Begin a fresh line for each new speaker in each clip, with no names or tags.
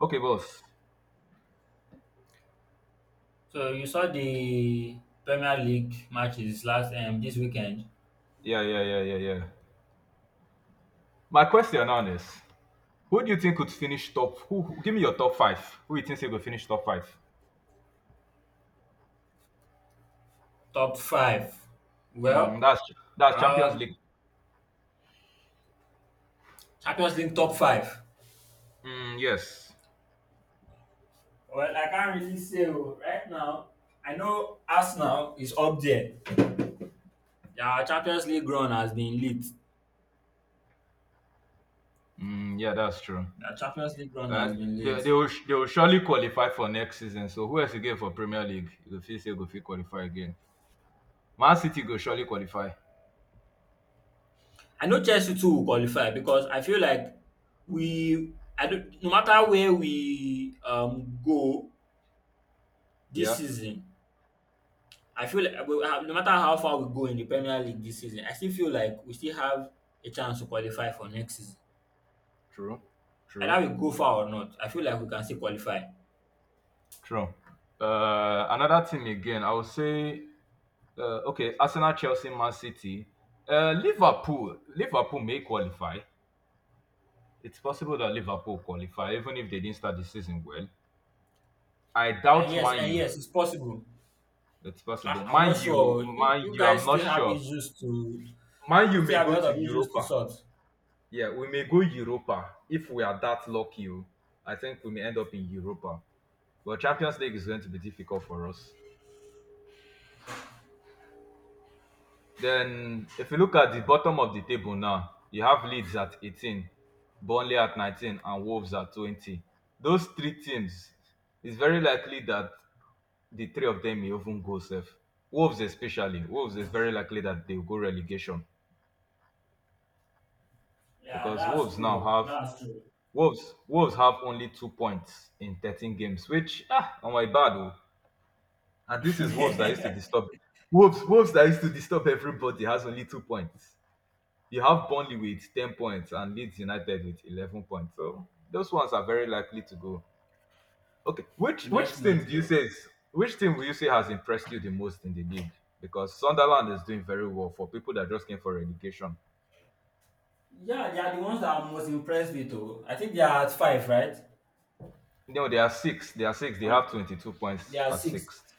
Okay, boss.
So you saw the Premier League matches last this weekend.
Yeah, yeah, yeah, yeah, yeah. My question now is, who do you think could finish top? Give me your top five? Who you think will finish top five?
Top five.
Mm,
Well,
that's that's Champions
um
League.
Champions League top five.
Mm, yes.
Well, I can't really say right now. I know Arsenal is up there. Their Champions League run has been lit.
Mm, yeah, that's true.
Their Champions League run
Uh,
has been lit.
they will surely qualify for next season. So who else you get for Premier League? You go feel say go fit qualify again. Man City go surely qualify.
I know Chelsea too will qualify because I feel like we I don't no matter where we go this
Yeah,
season, I feel like no matter how far we go in the Premier League this season, I still feel like we still have a chance to qualify for next season.
true, true,
Either we go far or not, I feel like we can still qualify.
true. Another team again. I would say okay, Arsenal, Chelsea, Man City, Liverpool. Liverpool may qualify. It's possible that Liverpool qualify, even if they didn't start the season well. I
And
doubt
yes,
Man
and
U.
yes, it's possible.
It's
I,
possible.
I'm not sure. You,
Man
you
U,
guys
I'm not
still have
sure.
issues to.
Man U
People
may
still have a
go
lot
to
of issues to
Europa.
sort.
Yeah, we may go Europa if we are that lucky. Oh. I think we may end up in Europa. But Champions League is going to be difficult for us. Then if you look at the bottom of the table now, you have Leeds at 18, Burnley at 19, and Wolves at 20. Those three teams, it's very likely that the three of them may even go safe. Wolves especially. Wolves is very likely that they'll go relegation
Yeah,
because
that's true. That's true.
Wolves have only 2 points in 13 games, which on my bad. Oh. And this is Wolves that used to disturb Wolves that used to disturb everybody has only 2 points. You have Burnley with 10 points and Leeds United with 11 points. So those ones are very likely to go. Okay, which team do you
Definitely.
say is, which team will you say has impressed you the most in the league? Because Sunderland is doing very well for people that just came for relegation.
Yeah, they are the ones that I'm most impressed with. Oh, I think they are at five, right?
No, they are six. They are six. They have
Or
22
they
points
are
at
six.
sixth.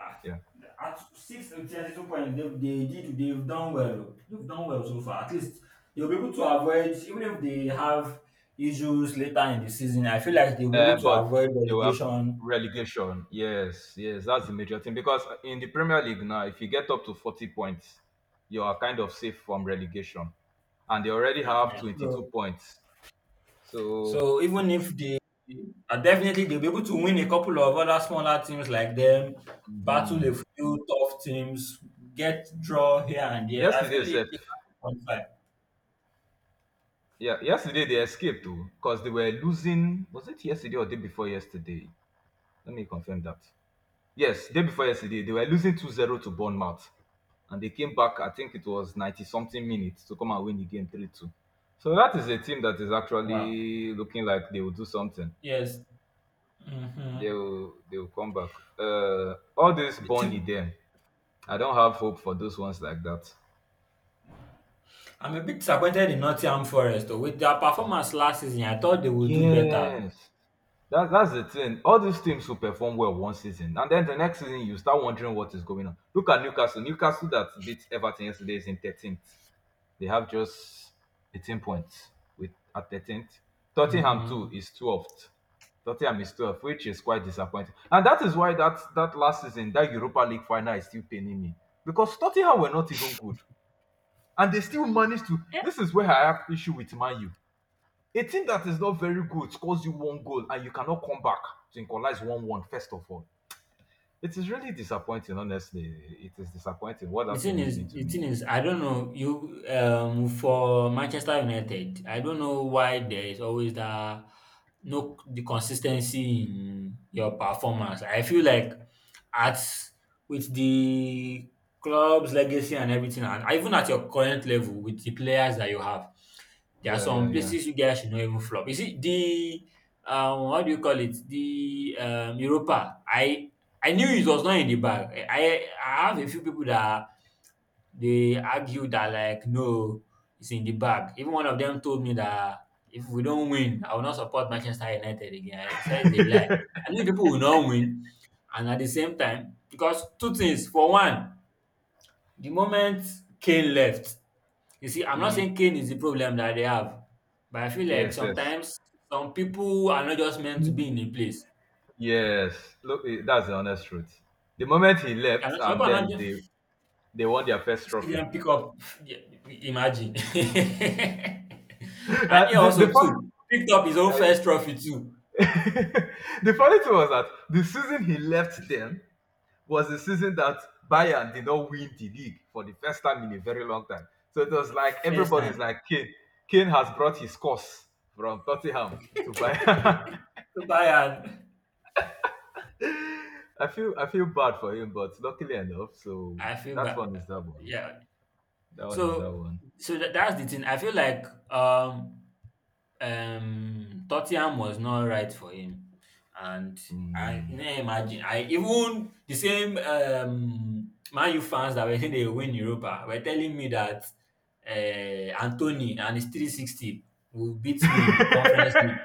Ah,
Yeah.
at 6 to 32 point they did they've done well so far. At least they'll be able to avoid, even if they have issues later in the season, I feel like they'll be able to
But
avoid
they will have
relegation.
relegation. Yes, yes, that's the major thing. Because in the Premier League now, if you get up to 40 points, you are kind of safe from relegation. And they already have
Ehen.
22
so,
points. So,
so even if they definitely they'll be able to win a couple of other smaller teams like them, battle
mhm.
a few tough teams, get draw here and there, I feel
yesterday, said,
it they can qualify.
yeah, yesterday they escaped too because they were losing. Was it yesterday or day before yesterday? Let me confirm that. Yes, day before yesterday, they were losing 2-0 to Bournemouth. And they came back, I think it was 90 something minutes to come and win the game 3-2. So that is a team that is
Wow.
actually looking like they will do something.
Yes.
They
Mm-hmm.
will they will come back. Uh, all this Burnley them. I don't have hope for those ones like that.
I'm a bit disappointed in Nottingham Forest though. With their performance last season, I thought they would do better.
Yes. That's the thing. All these teams who perform well one season, and then the next season you start wondering what is going on. Look at Newcastle. Newcastle that beat Everton yesterday is in 13th. They have just 18 points with at 13th. Tottenham too
Mhm.
is 12th. Tottenham is 12th, which is quite disappointing. And that is why that last season, that Europa League final is still paining me. Because Tottenham were not even good. And they still managed to. This is where I have issue with Man U. A team that is not very good scores you one goal and you cannot come back to equalize 1-1, first of all. It is really disappointing, honestly. It is disappointing what
The
that
thing
team is
is,
doing to
the
me.
thing is, I don't know you for Manchester United. I don't know why there is always that no the consistency in your performance. I feel like at with the club's legacy and everything, and even at your current level with the players that you have, there are
Yeah, yeah,
some
yeah.
places you guys should not even flop. You see the what do you call it? The Europa. I knew it was not in the bag. I have a few people that they argued that like, no, it's in the bag. Even one of them told me that if we don't win, I will not support Manchester United again. I said it's a lie. I knew people will not win. And at the same time, because two things. For one, the moment Kane left, you see, I'm not
Mm,
saying Kane is the problem that they have, but I feel like
yes, yes.
sometimes some people are not just meant to be in a place.
Yes, look, eh, that's the honest truth. The moment he
And
left,
some
and
people are
then
not
they won their first
still
trophy.
CDM pickup. Yeah, imagine. And he
Uh, the the,
also
fun,
too picked up his own first trophy too.
the funny thing was that the season he left them was the season that Bayern did not win the league for the first time in a very long time. So it was like
First
everybody's
time.
like Kane. Kane has brought his course from Tottenham to Bayern.
So Bayern.
I feel bad for him, but luckily enough, so
I feel
that one
bad.
is that one.
Yeah.
That one is that
So
one.
so that's the thing. I feel like um Tottenham was not right for him. And I
Mm.
can imagine. I even the same Man U fans that were saying they win Europa were telling me that Anthony and his 360 will beat me in the conference league.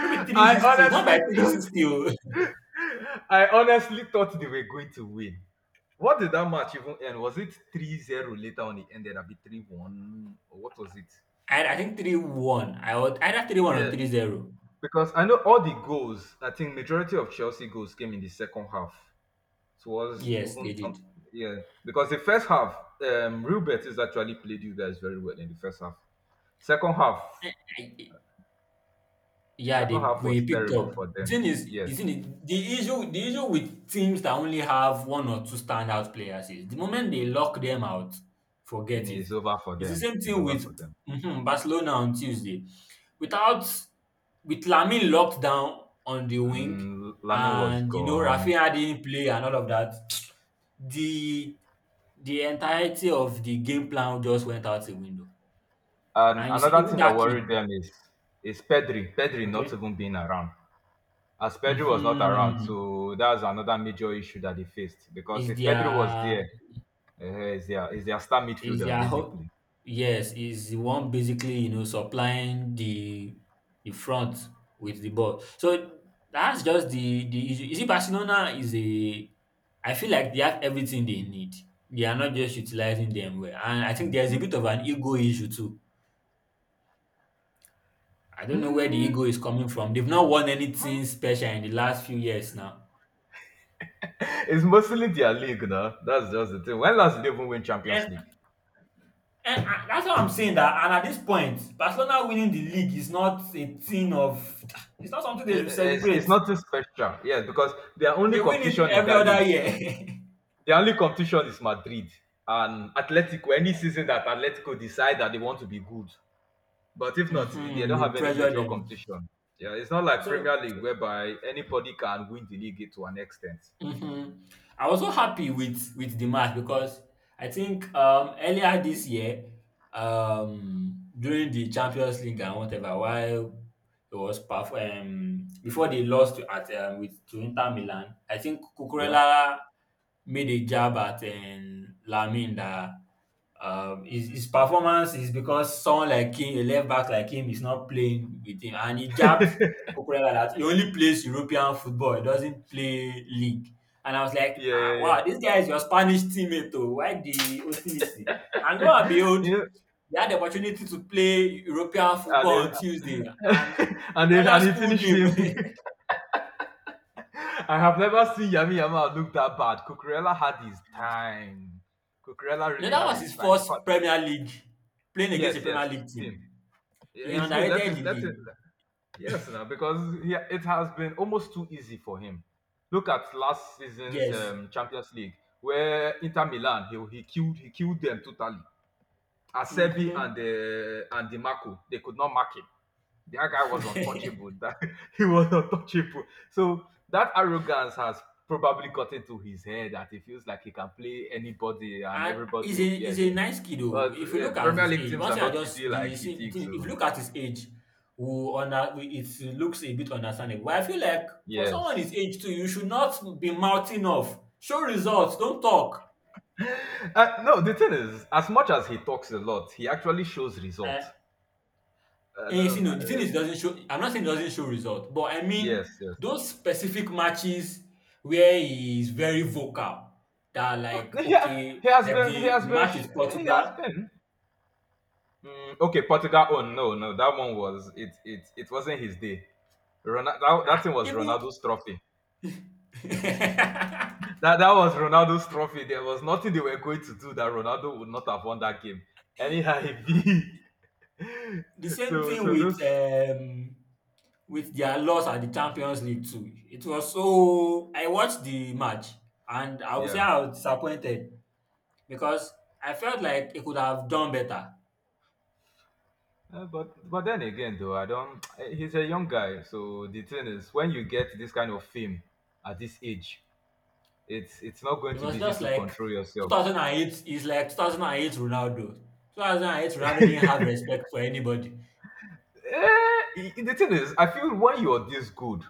Maybe 360, not
honestly
by
thought
360. Oh.
I honestly thought they were going to win. What did that match even end? Was it 3-0? Later on it ended? I be 3-1 or what was it?
I think 3-1. I was either 3-1
Yeah,
or 3-0.
because I know all the goals, I think majority of Chelsea goals came in the second half. Towards
Yes,
even
they did.
yeah, because the first half, Real Betis actually played you guys very well in the first half. Second half,
Yeah,
second
they
half
we
was
picked
terrible
up.
for
The
them.
thing is, the
Yes,
thing is, the issue with teams that only have one or two standout players is the moment they lock them out, forget it.
it's over for
It's the
them.
same
It's
thing
over
with
for them.
mhm, Barcelona on Tuesday. Without With Lamin locked down on the wing,
Mm, Lamin was
and you know
gone.
Rafinha didn't play and all of that, the the entirety of the game plan just went out the window.
And
And you see,
another
even
thing that
that kid,
worried them is Pedri. Pedri not
okay,
even being around. As Pedri was not around,
hmm,
so that's another major issue that they faced. Because
is
if Pedri was
their
there, is their star midfielder
ho-
basically.
yes, is the one basically, you know, supplying the front with the ball. So that's just the issue. You see, Barcelona is a, I feel like they have everything they need, they are not just utilizing them well, and I think there's a
Mm.
bit of an ego issue too. I don't know where the
Mm,
ego is coming from. They've not won anything special in the last few years now.
it's mostly their league, no? That's just the thing. When last did they even win Champions
and,
League?
that's what I'm saying, that and at this point Barcelona winning the league is not a thing of, it's not something they should celebrate.
It's nothing special, yes, because their
They
only
win it
competition in
every
that
other
league.
year.
The only competition is Madrid and Atletico. Any season that Atletico decide that they want to be good, but if not, they
Mhm,
don't
you
have any
pressure
major
them.
competition. Yeah, it's not like
So
Premier League whereby anybody can win the league to an extent.
mhm. I was so happy with the match because I think earlier this year, during the Champions League and whatever, while it was before they lost to at with to Inter Milan, I think
Yeah,
Cucurella made a jab at Lamine that his performance is because someone like him, a left back like him, is not playing with him. And he jabbed Cucurella that he only plays European football, he doesn't play league. And I was like,
yeah,
ah,
yeah,
wow, this guy is your Spanish teammate, though. Why the hostility? And lo and
yeah.
behold,
Yeah.
he had the opportunity to play European
And,
football on
they,
Tuesday, and
and, they,
Cucurella
and he
schooled
finished him.
him.
I have never seen Yami Yama look that bad. Cucurella had his time. Cucurella
You know,
really
that
had
was
his
his
time. In
first
fact,
Premier League, playing against a
yes,
Premier
yes,
League team.
team. Yeah,
He
it's good.
underrated the
Let him.
league.
Yes, now because he, it has been almost too easy for him. Look at last season's
Yes.
Champions League, where Inter Milan he killed them totally. Asebi and
Mhm.
Di Marco they could not mark him. That guy was untouchable. That he was untouchable. So that arrogance has probably got into his head that he feels like he can play anybody and
And
everybody
he's
will
a
fear
he's a
him.
nice kid oh.
But
If you look at
Premier
his
League
age,
teams
one
are
thing I
not easy
just
like
the
he
same
thinks.
thing, if you
So
look at his age, it looks a bit understandable. But I feel like for
yes.
someone his age too, you should not be mouthing off. Show results, don't talk.
No, the thing is, as much as he talks a lot, he actually shows results.
Eh,
Uh,
and you
then, uh,
know, the thing is it doesn't show, I'm not saying it doesn't show results, but I
yes,
mean
yes.
those specific matches where he is very vocal, that like
He, ha-
okay,
he has
like
been. He
the,
has
the
been.
match
Sh-
with
He has
Portugal.
been. Mm, okay, Portugal. Oh no, no, that one was it. It wasn't his day. That
Ah,
thing was
even
Ronaldo's trophy. That was Ronaldo's trophy. There was nothing they were going to do that Ronaldo would not have won that game. Anyhow, he
the same
so
thing
so this.
with their loss at the Champions League too. It was, so I watched the match and I would say
Yeah.
I was disappointed because I felt like it could have done better.
But then again, though, I don't. He's a young guy, so the thing is, when you get this kind of fame at this age, it's not going
It
to be
was
easy
just
to
like
control yourself.
2008, is like 2008 Ronaldo. 2008 Ronaldo didn't have respect for anybody.
Eh, the thing is, I feel when you're this good,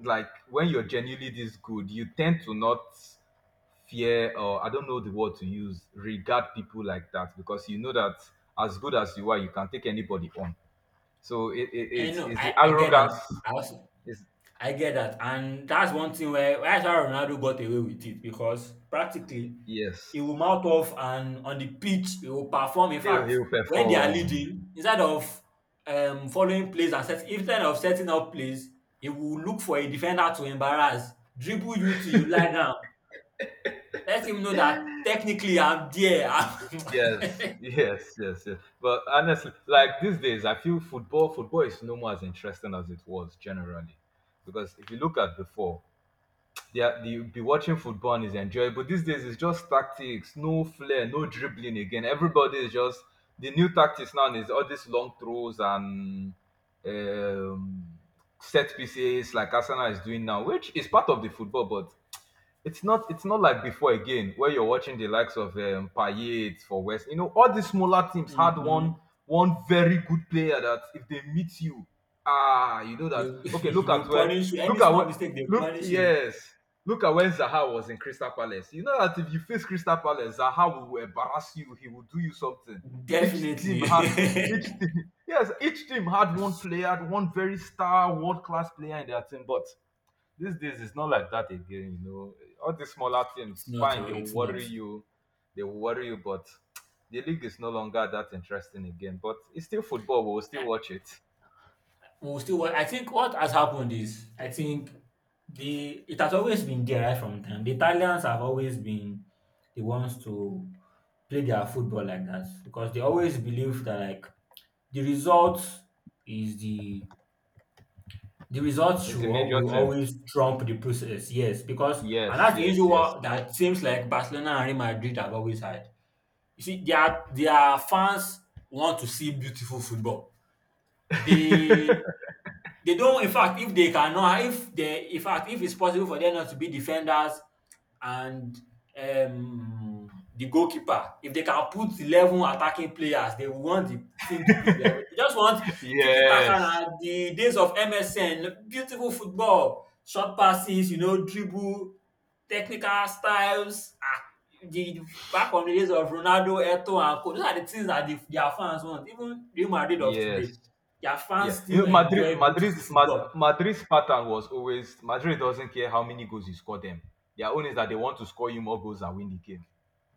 like when you're genuinely this good, you tend to not fear or I don't know the word to use, regard people like that because you know that as good as you are, you can take anybody on. So
And no,
it's the
I get that.
arrogance.
I also
Is
I get that. And that's one thing where that's how Ronaldo got away with it, because practically
yes,
he will mouth off and on the pitch he will perform. In fact,
he'll
when they are
perform.
leading, instead of following plays and set, instead of setting up plays, he will look for a defender to embarrass, dribble you till you lie down. Let him know that technically I'm there.
Yes, yes, yes, yes. But honestly, like these days, I feel football is no more as interesting as it was generally, because if you look at before, yeah, you'd be watching football and it's enjoyable. These days, it's just tactics, no flair, no dribbling again. Everybody is just the new tactics now is all these long throws and um, set pieces like Arsenal is doing now, which is part of the football, but it's not like before again where you're watching the likes of Payet for West. You know, all these smaller teams had
Mhm.
one very good player that if they meet you, ah, you know that.
They'll, they'll punish you.
Look
Any
at
small
when
mistake, they'll
look
punish you.
yes. Look at when Zaha was in Crystal Palace. You know that if you face Crystal Palace, Zaha will embarrass you. He will do you something. Each team
Definitely.
had each team yes, each team had one player, one very star, world class player in their team. But these days it's not like that again, you know, all these smaller
It's
teams
not,
fine
oh,
they will
it's not.
worry you but the league is no longer that interesting again but it's still football we'll still watch it.
We'll still wa- I think what has happened is, I think the it has always been there right from time. The Italians have always been the ones to play their football like that because they always believe that like the result is the result
It's a major
will
thing.
always trump the process. Yes, because and
Yes,
that's the
yes,
usual
yes.
what that seems like Barcelona and Real Madrid have always had. You see, their fans want to see beautiful football. They they don't, in fact if they cannot, if they, in fact if it's possible for them not to be defenders and the goalkeeper, if they can put 11 attacking players they will want the team to put 11. They just want tiki taka
Yes,
na, the days of msn, beautiful football, short passes, you know, dribble, technical styles, ah, the- back on the days of Ronaldo, Eto and co, those are the things that their fans want. Even Real Madrid of
yes.
today, their
Yeah,
fans
you
still
know,
enjoy beautiful football.
madrid's pattern was always madrid doesn't care how many goals you score them. Their own is that they want to score you more goals and win the game.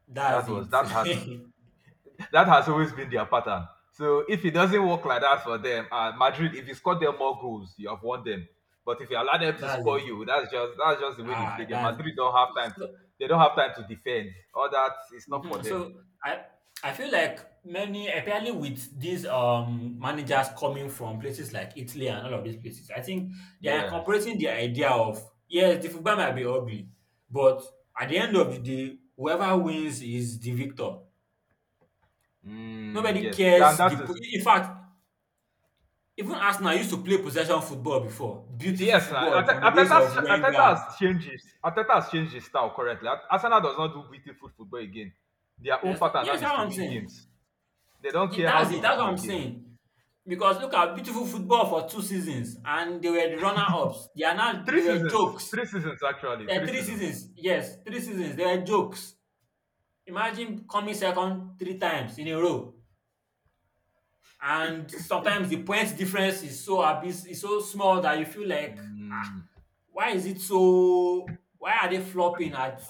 That's
that was that has
it.
That has always been their pattern. So if it doesn't work like that for them, Madrid, if you score them more goals, you have won them. But if you allow them to
That's it.
score you, that's just the way they play.
Ah,
Them
that's
Madrid don't have time
so.
to they don't have time to defend. All that it's not for
Mhm.
them.
So I I feel like many, apparently with these managers coming from places like Italy and all of these places, I think they are
Yes.
incorporating the idea of, yes, the football might be ugly, but at the end of the day, whoever wins is the victor.
Mm,
Nobody
yes. And
cares.
that
The po-
is,
in fact, even Arsenal used to play possession football before. Beautiful
yes.
football from the days of Wenger.
Arteta has changed his style correctly. Arsenal does not do beautiful football again. Their own
There's not.
pattern
Yes,
now is
that's what
to
I'm
win
saying.
games. They don't
Ye-
care how
that's
they
it. That's
win
what I'm
again.
saying. Because look at beautiful football for two seasons, and they were the runner-ups.
Three
They were
seasons.
jokes.
Three seasons, actually.
There are
Three
three
seasons.
seasons. Yes, three seasons. They were jokes. Imagine coming second three times in a row, and sometimes the points difference is so abyss, is so small that you feel like ah,
Mm,
why is it so, why are they flopping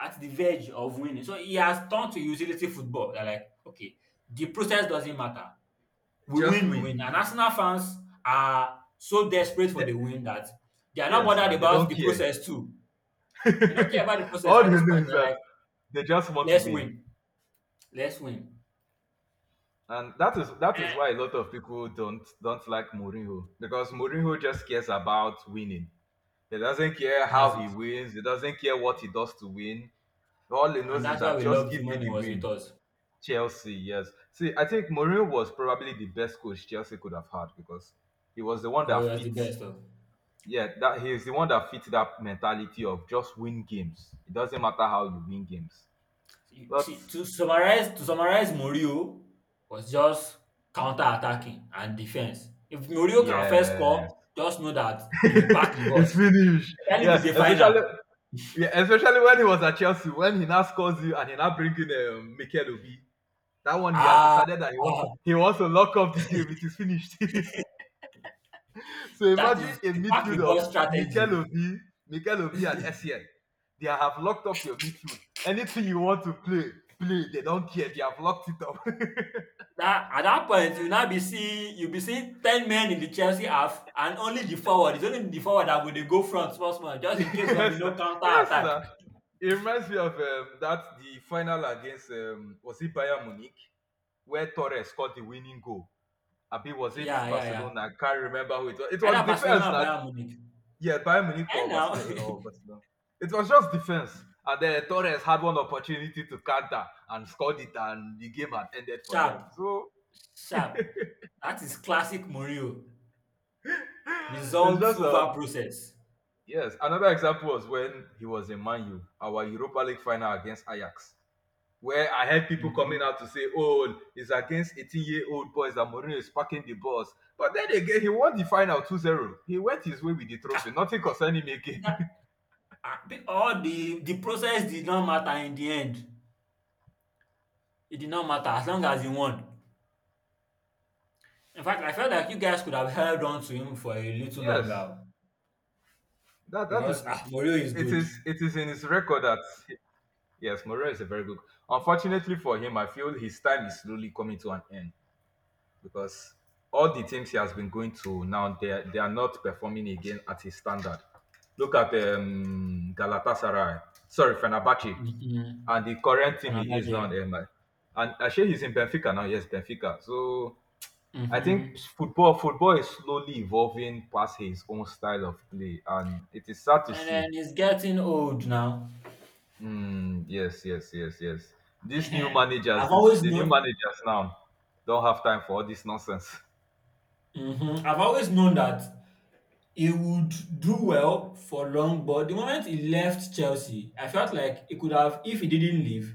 at the verge of winning? So he has turned to utility football. They're like, okay, the process doesn't matter. We
just
win, we
win.
win. And Arsenal fans are so desperate for
They-
the win that they are not
yes,
bothered
nah, they
about
don't
the
care.
process too. They don't care about the process
All
at
they
this
know
point.
is
They're
that
like,
they just want to
let's
win.
win, let's win.
And that is That is why a
Eh,
lot of people don't like Mourinho because Mourinho just cares about winning. He doesn't care
that's
how he
it.
wins. He doesn't care what he does to win. All he
And
knows is
that's why
that
we
just
loved
give
him
me
when he
the
was with
win.
us.
Chelsea, yes. See, I think Mourinho was probably the best coach Chelsea could have had because he was the one
Or he
that
was the
fit
best of.
yeah, that he's the one that fits that mentality of just win games. It doesn't matter how you win games.
you
But
see to summarize to summarize Mourinho was just counter attacking and defense. If Mourinho can first
yeah,
score, just know that he will pack the bus.
it's finished.
Especially if it's a final.
Yeah, especially when he was at Chelsea, when he now scores you and he now bring in Mikel Obi. That one he has
Ah,
decided that
ah,
he wants to lock up the game. It is finished. So
that
imagine
is
a
the pack the
midfield of
bus strategy.
Mikel Obi and Essien. They have locked up your midfield. Anything you want to play, play. They don't care. They have locked it up.
That at that point you now be see you be see ten men in the Chelsea half and only the forward that go dey go front small small just in case of
Yes, na.
counter
Yes,
attack.
na. It reminds me of that the final against was it Bayern Munich, where Torres scored the winning goal. Abi was it
Yeah, yeah, yeah.
Barcelona? I can't remember who it was. It was
Either
defense
Barcelona or
that,
Bayern Munich.
yeah, Bayern Munich
And
or
now
Barcelona, or Barcelona. It was just defense, and then Torres had one opportunity to counter and scored it, and the game had ended for them.
sharp.
So
Sharp. That is classic Murillo.
it's
Results
just
over process.
yes. Another example was when he was in Man U, our Europa League final against Ajax, where I heard people coming
Within
out to say, "Oh, it's against 18-year-old boys that Mourinho is parking the bus." But then again, he won the final 2-0. He went his way with the trophy. Nothing concerning him
That
again.
ah, be- all the process did not matter in the end. It did not matter as long as he won. In fact, I felt like you guys could have held on to him for a little
Yes,
longer
that that
because
is
Murillo is
it
good.
is it is in his record that, yes, Mourinho is a very good. Unfortunately for him, I feel his time is slowly coming to an end, because all the teams he has been going to now, they are not performing again at his standard. Look at Galatasaray, sorry, Fenerbahce,
Mm-hmm.
and the current
Can
team he is now.
imagine.
And actually, he's in Benfica now. Yes, Benfica. So I
Mm-hmm.
think football is slowly evolving past his own style of play, and it is sad to
And
see.
then he's getting old now.
Mm, yes, yes, yes, yes. These new
Mhm.
managers,
I've always
the new
known.
managers now, don't have time for all this nonsense.
I've always known that he would do well for long, but the moment he left Chelsea, I felt like he could have, if he didn't leave,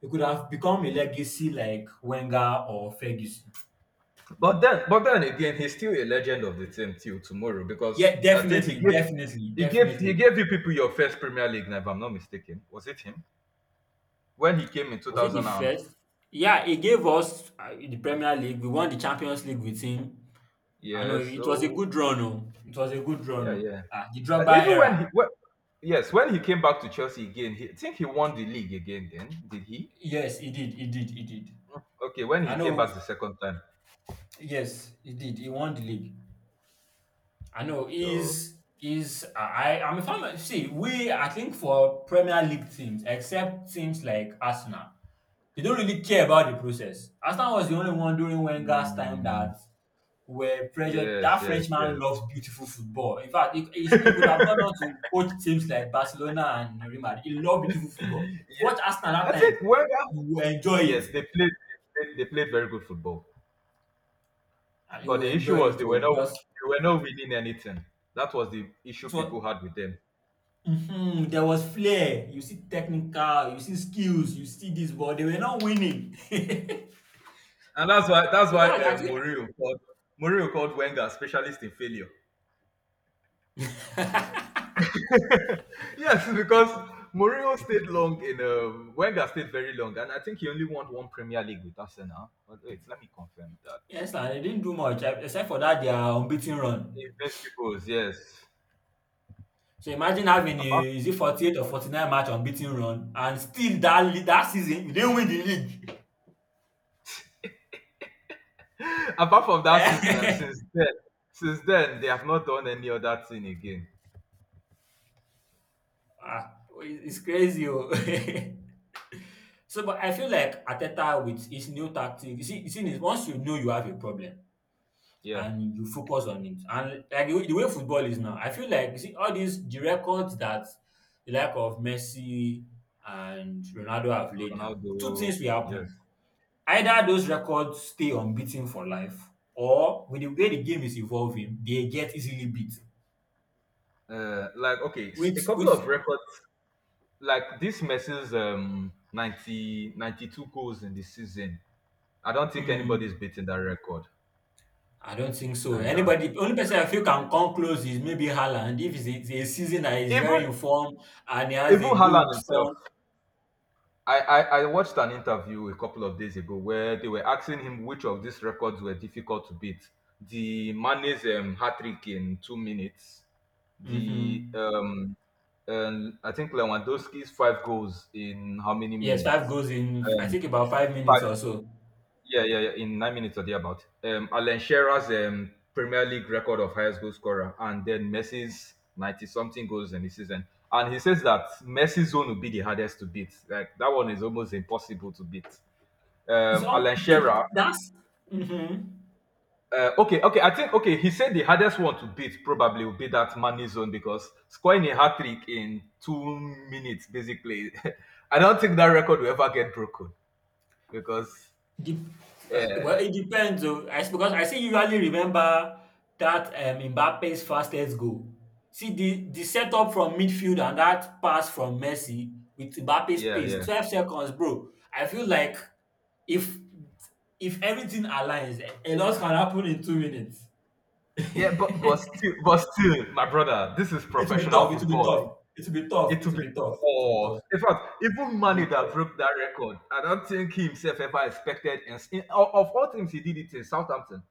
he could have become a legacy like Wenger or Ferguson.
But then again, he's still a legend of the team till tomorrow because
Yeah,
I think
definitely, definitely,
he
definitely.
gave you people your first Premier League. Night, if I'm not mistaken, was it him when he came in
Was it the
2000 and,
first? Yeah, he gave us the Premier League. We won the Champions League with him. I know
yeah,
it was a
so,
good run. Oh, it was a good
yeah,
run. Oh,
yeah.
ah, the Drogba
Even
era.
when he, when, Yes, when he came back to Chelsea again, I think he won the league again. Then did he?
Yes, he did. He did. He did.
Okay, when he
I
came
know.
back the second time,
Yes, he did. He won the league. I know
so
is I I'm a fan See, we I think for Premier League teams, except teams like Arsenal, they don't really care about the process. Arsenal was the only one during Wenger's time
mm,
that were pressured.
yes,
That
yes,
Frenchman
yes.
loves beautiful football. In fact, he could have gone on to coach teams like Barcelona and Real Madrid. He loved beautiful football. If you
Yeah,
watch Arsenal
I
that time,
think when,
you will enjoy it.
yes, they played, they played very good football.
And you
But
will
the issue
enjoy
was
it too because
they were not winning anything. That was the issue people
so
had with them,
mhm, there was flair. You see technical, you see skills, you see this, but they were not winning.
and that's
So
why
that was
uh,
actually
Mourinho called Wenger specialist in failure. Yes, because Mourinho stayed long in Wenger stayed very long, and I think he only won one Premier League with Arsenal. But wait, let me confirm that.
yes, sir, they didn't do much except for that their unbeaten run.
Invincibles, yes.
So imagine having
Apart,
a is it 48 or 49 match unbeaten run and still that season you didn't win the league.
apart from that season, since then, they have not done any other thing again.
Ah, it's crazy. Oh. So but I feel like Ateta with his new tactic, you see once you know you have a problem,
Yeah,
and you focus on it. And like the way football is now, I feel like you see all the records that the like of Messi and Ronaldo have laid down. Two
Ronaldo.
things will
Yes.
happen: either those records stay unbeaten for life, or with the way the game is evolving, they get easily beat.
Uh, like, okay, a couple of
With
records like this messes 90 92 goals in the season. I don't think anybody's
mm,
beating that record.
I don't think so.
I don't,
Anybody, only person I feel can come close is maybe Haaland. If it's it's a season that is very
even
informed and he has
even
a
Haaland
good
himself.
form.
I watched an interview a couple of days ago where they were asking him which of these records were difficult to beat: the Mane's hat trick in 2 minutes, the
Hmm.
I think Lewandowski's five goals in how many
Yes, 5
minutes?
goes in, I
Um,
think about 5
Five.
minutes or so.
Yeah, yeah, yeah. In 9 minutes or thereabout. Alan Shearer's Premier League record of highest goal scorer, and then Messi's ninety something goals in the season. And he says that Messi's zone will be the hardest to beat. Like, that one is almost impossible to beat.
It's all
Alan Shearer.
see, that's mhm.
Okay, okay. I think. Okay, he said the hardest one to beat probably will be that money zone because scoring a hat trick in 2 minutes, basically. I don't think that record will ever get broken because,
Dep ah,
yeah,
well, it depends oh. I s because I still usually remember that, Mbappe's fastest goal. See the setup from midfield and that pass from Messi. With Mbappe's
yeah,
pace,
yeah.
12 seconds bro. I feel like if if everything aligns, a lot can happen in 2 minutes.
Yeah, but still, but still, my brother, this is
It will be
professional
tough, it will be
football.
tough,
It
it will be tough,
it
it
will
will
be
be tough, it will be tough,
tough. In fact, even
it will be
Mane that
tough.
broke that record, I don't think he himself ever expected. Of all teams, he did it in Southampton.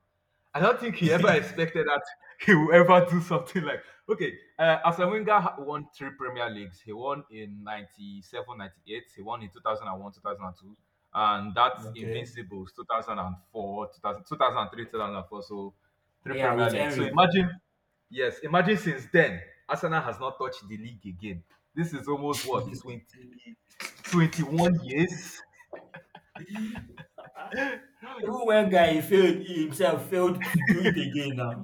I don't think he ever expected that he will ever do something like. Okay, Arsene Wenger won three Premier Leagues. He won in 97, 98. He won in 2001, 2002. And that's
Okay.
Invincibles 2004, 2000, 2003, 2004. So three
Yeah,
Premier
with
Leagues. So
Henry.
imagine. Yes, imagine since then, Arsenal has not touched the league again. This is almost what, 20, 21 years.
Even when guy failed, he himself failed to do it again now.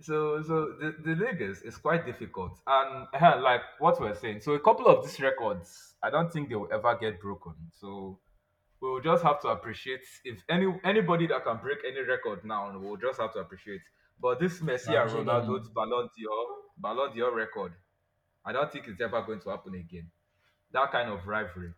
So, the league is quite difficult. And like what we're saying, so a couple of these records, I don't think they will ever get broken. So we'll just have to appreciate. If anybody that can break any record now, we'll just have to appreciate. But this
But I
Messi and
appreciate that,
Ronaldo's
man.
Ballon d'Or record, I don't think it's ever going to happen again. That kind of rivalry.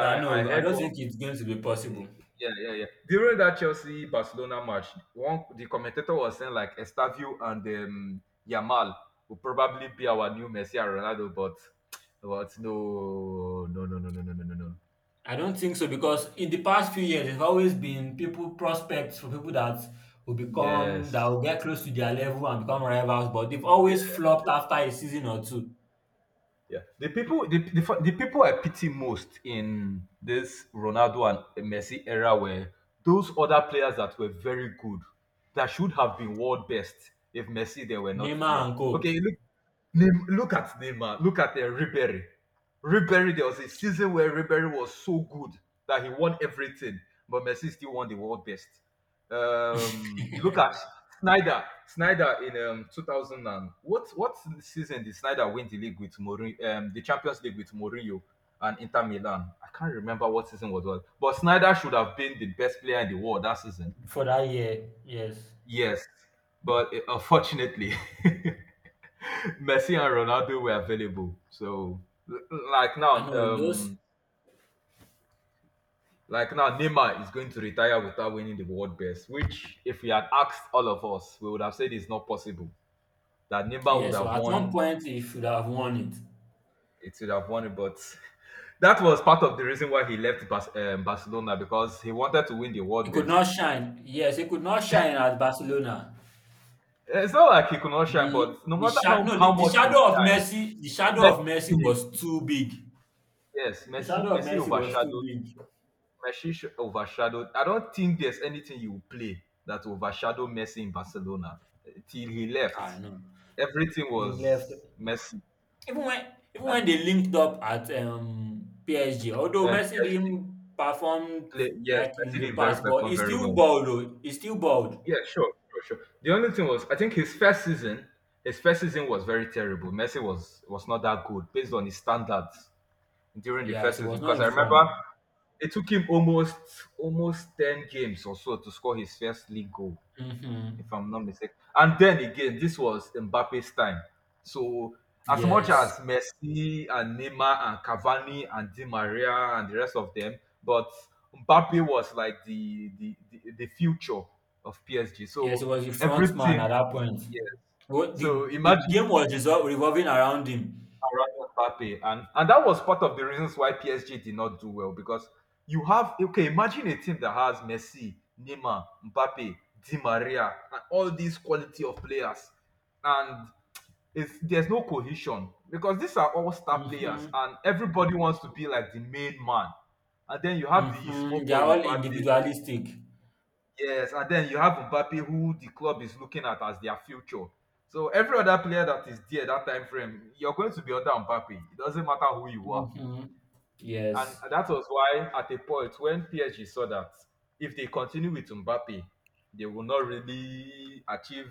I
I
know, I
heard
don't
one.
think it's going to be possible.
Yeah, yeah, yeah. During that Chelsea Barcelona match, one the commentator was saying like Estavio and Yamal will probably be our new Messi and Ronaldo, but no, no, no, no, no, no, no, no, no.
I don't think so because in the past few years, there's always been prospects for people that that
Yes.
will get close to their level and become rivals, but they've always
Yeah,
flopped after a season or two.
yeah. The people, the f- The people I pity most in this Ronaldo and Messi era were those other players that were very good, that should have been world best if Messi they were not
Neymar
there.
and co.
Okay, look at Neymar, look at Ribery. Ribery, there was a season where Ribery was so good that he won everything, but Messi still won the world best. You look at Snyder in 2000 and what season did Snyder win the league with Mourinho, the Champions League with Mourinho and Inter Milan? I can't remember what season was, but Snyder should have been the best player in the world that season.
For that year, yes.
Yes, but unfortunately. Messi and Ronaldo were available. So l- like
I
now,
know those,
um, like now, Neymar is going to retire without winning the World Best. Which, if we had asked all of us, we would have said it's not possible that Neymar would
yes. So
have
at one
won.
point, he should have won it.
It would have won it, but that was part of the reason why he left Barcelona because he wanted to win the World
He could not
Best.
shine. Yes, he could not shine at Barcelona.
It's not like he could not shine, but no
The
matter
sha- no
how
the, the
much he
shadow of
shine,
Messi the shadow of Messi
Messi,
was too big.
yes,
The shadow of
Messi
Messi was too
overshadowed.
big.
Overshadowed. I don't think there's anything you play that overshadow Messi in Barcelona till he
Ah,
left.
no.
Everything was Messi
Even when Even when
and
they linked up at PSG, although Messi
PSG.
didn't perform
Yes,
like in
Messi
the
did very
past, but
perform
he
very
still
well.
balled, though. He still balled.
Yeah, sure, sure, sure. The only thing was, I think his first season, was very terrible. Messi was not that good based on his standards during the
Yes,
first
he
season
was not
because I
in
remember
form.
it took him almost 10 games or so to score his first league goal, if
Hmm.
I'm not mistaken. And then again, this was Mbappe's time. So as much as
Yes,
Messi and Neymar and Cavani and Di Maria and the rest of them, but Mbappe was like the future of PSG.
yes, he
So
was the front man
everything,
at that point.
yes.
The
So imagine
game was revolving around him.
around Mbappe, and that was part of the reasons why PSG did not do well because you have. Okay, imagine a team that has Messi, Neymar, Mbappe, Di Maria, and all these quality of players, and it's there's no cohesion because these are all star players
Mhm.
and everybody wants to be like the main man, and then you have the small
Mhm.
boy
They're all
Mbappe.
individualistic.
Yes, and then you have Mbappe, who the club is looking at as their future. So every other player that is there that time frame, you're going to be under Mbappe. It doesn't matter who you are.
Mhm.
And
Yes.
that was why at a point when PSG saw that if they continue with Mbappe, they will not really achieve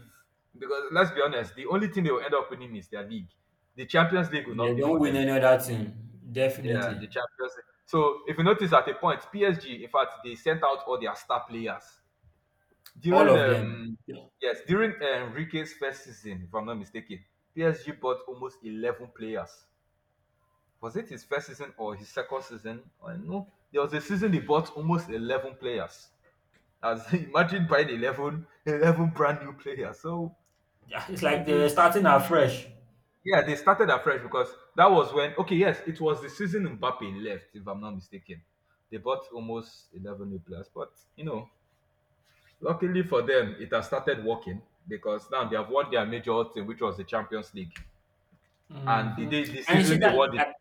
because let's be honest, the only thing they will end up winning is their league. The Champions League will not
They
be for
don't win
them.
any other thing.
Yeah, the
Definitely.
Champions League. So if you notice at a point, PSG, in fact, they sent out all their star players
All
during
of them. Yeah.
yes, during Enrique's first season, if I'm not mistaken. PSG bought almost 11 players. Was it his first season or his second season? I know there was a season they bought almost 11 players. As imagine buying 11, 11 brand new players. So
It's like
it
they're
is
starting afresh.
yeah, they started afresh because that was when okay, yes, it was the season Mbappe left, if I'm not mistaken. They bought almost 11 new players, but luckily for them, it has started working because now they have won their major thing, which was the Champions League. And the
Hmm.
day, the
And you see
season they
that
won the,
like.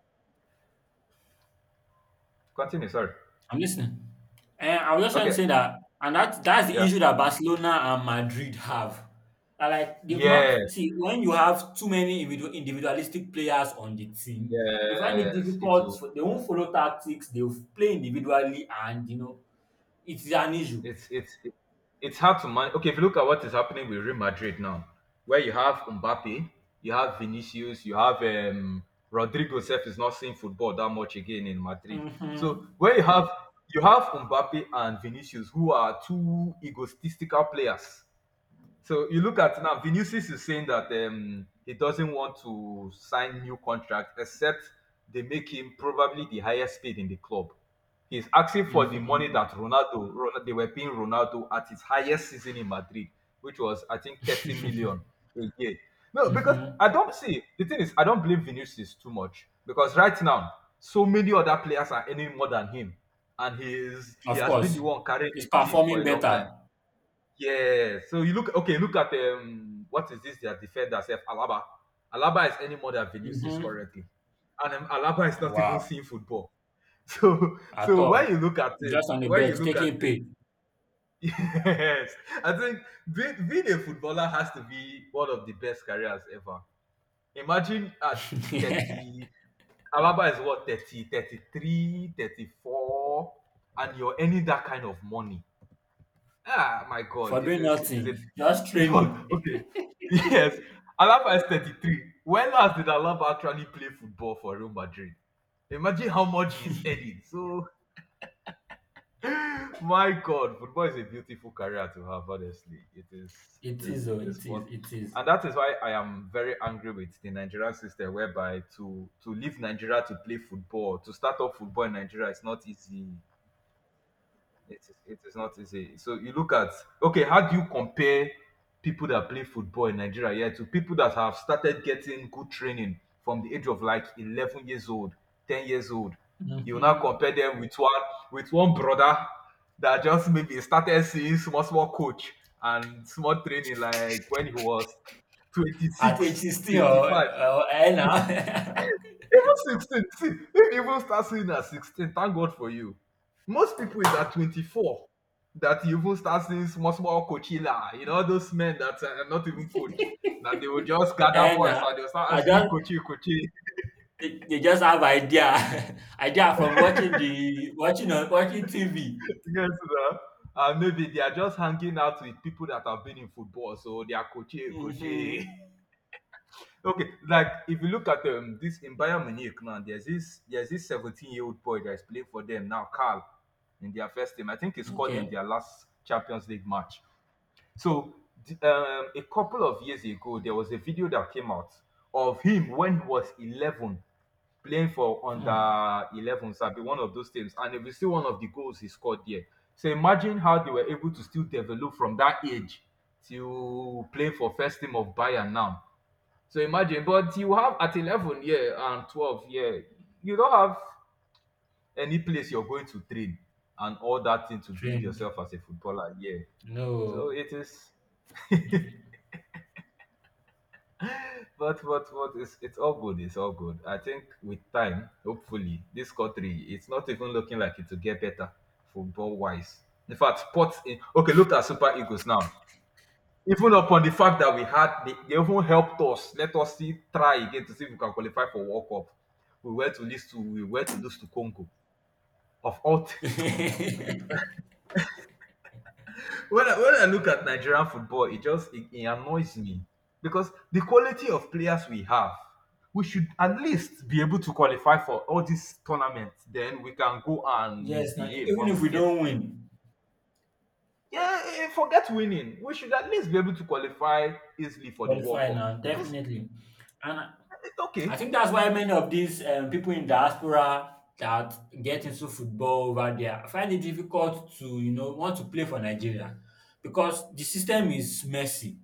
continue, sorry.
I'm listening. Eh, I was just trying to
Okay,
say that, and that's the
yeah.
issue that Barcelona and Madrid have. That, like they've
Yes,
not see when you have too many individualistic players on the team, you find it
yes. It
difficult.
will
For, they won't follow tactics. They'll play individually, and you know it's an issue.
it's it, it's hard to manage. Okay, if you look at what is happening with Real Madrid now, where you have Mbappe, you have Vinicius, you have Rodrigo self is not seeing football that much again in Madrid. So
Mm-hmm.
where you have Mbappe and Vinicius who are two egotistical players. So you look at now, Vinicius is saying that he doesn't want to sign new contract except they make him probably the highest paid in the club. He's asking for the money
Mm-hmm.
that Ronaldo, Ronaldo they were paying Ronaldo at his highest season in Madrid, which was I think 30 million a year. No, because
Mm-hmm.
I don't see the thing is I don't blame Vinicius too much because right now so many other players are earning more than him, and he
Of
has been the
course,
one carrying
he's
the team for
performing
a long time.
better.
Yeah, so you look okay. Look at what is this? Their defender self Alaba. Alaba is any more than Vinicius
Mm-hmm.
currently, and Alaba is not even
Wow,
seeing football. So,
at
so
all.
when you look at it,
Just on the bench, taking pay.
yes, I think being a footballer has to be one of the best careers ever. Imagine at 30, Alaba is what 30, 33, 34, and you're earning that kind of money. Ah, my God,
For doing
it is a
nothing, just training.
okay. Yes. Alaba is 33. When last did Alaba actually play football for Real Madrid? Imagine how much he's earning. So, my God, football is a beautiful career to have. Honestly, it is, it
It is
is,
oh,
it is
it
fun,
is, it is.
and that is why I am very angry with the Nigerian system, whereby to leave Nigeria to play football, to start up football in Nigeria is not easy. It is not easy. So you look at Okay, how do you compare people that play football in Nigeria here to people that have started getting good training from the age of like 11 years old, 10 years old? You now
Mhm.
compare them with one brother that just maybe started seeing small small coach and small training like when he was twenty
At age
six,
16
twenty five.
or eh na
Even 16, see, if you even start seeing at 16, thank God for you. Most people is at 24 that you even start seeing small, small coachella, those men that are not even coach, that they will just gather
eh
boys and they'll start
I
answering
just
coachy, coachy.
they just have idea, idea from watching the watching on watching TV.
Yes, sir. And maybe they are just hanging out with people that have been in football, so they are coachy,
Mhm.
coachy. Okay, like if you look at this in Bayern Munich now, there's this 17-year-old boy that's playing for them now, Carl, in their first team. I think he scored in
Okay.
their last Champions League match. So a couple of years ago, there was a video that came out of him when he was 11 playing for
Hmm.
under 11, so be one of those teams, and it was still one of the goals he scored there. So imagine how they were able to still develop from that age to play for first team of Bayern now, so imagine, but you have at 11, yeah, and 12, yeah, you don't have any place you're going to train and all that thing to build
Drink.
yourself as a footballer, yeah.
No.
So it is, but it's all good. It's all good. I think with time, hopefully, this country, it's not even looking like it will get better football wise. In fact, sports. Okay, look at Super Eagles now. Even upon the fact that they even helped us. Let us see, try again to see if we can qualify for World Cup. We were to lose to, we were to lose to Congo. Of all, when I look at Nigerian football, it just it, it annoys me because the quality of players we have, we should at least be able to qualify for all these tournaments. Then we can go and
Yes now,
misbehave
even
when we
if we
get
don't
there.
win,
Yeah, forget winning. We should at least be able to qualify easily for the World
qualify
Cup
now,
because
definitely. And
okay,
I think that's why many of these people in diaspora that get into football over there find it difficult to, you know, want to play for Nigeria because the system is messy.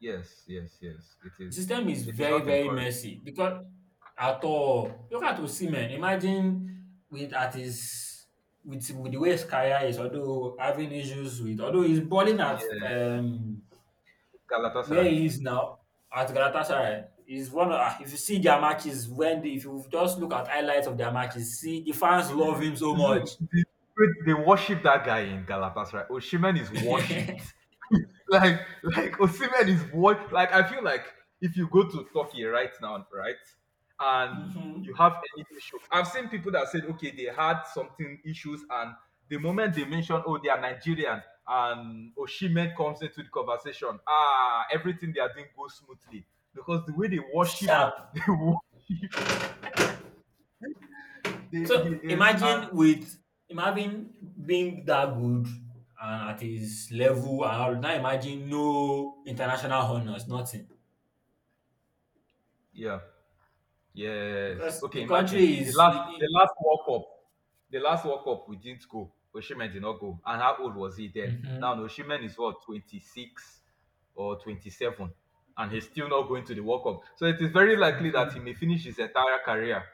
yes, yes, yes. It
The
is.
system is
It is
very,
not
very
encouraged.
messy because at all. Look at Osimhen. Imagine with at his with the way his career is, although having issues with, although he's balling at
Yeah,
where
Galatasaray.
he is now at Galatasaray is one of ah, if you see their matches when they, if you just look at highlights of their matches, see the fans love him so
You
much.
see, they worship that guy in Galatasaray. Oshimen is worshipped. Like, Osimhen is what? Like, I feel like if you go to Turkey right now, right, and you
Hmm.
have any issue, I've seen people that said, okay, they had something issues, and the moment they mention, oh, they are Nigerian, and Osimhen comes into the conversation, ah, everything they are doing goes smoothly because the way they worship,
Sharp.
they worship, they, he
So
is,
imagine
and
with him having being that good and at his level and all, now imagine no international honors, nothing.
yeah. Yes.
Because
Okay,
the
imagine
country
the last the
i-.
last World Cup. The last World Cup we didn't go. Osimhen did not go. And how old was he then? Now
Mhm,
Osimhen is what, 26 or 27, and he's still not going to the World Cup. So it is very likely that
mhm.
he may finish his entire career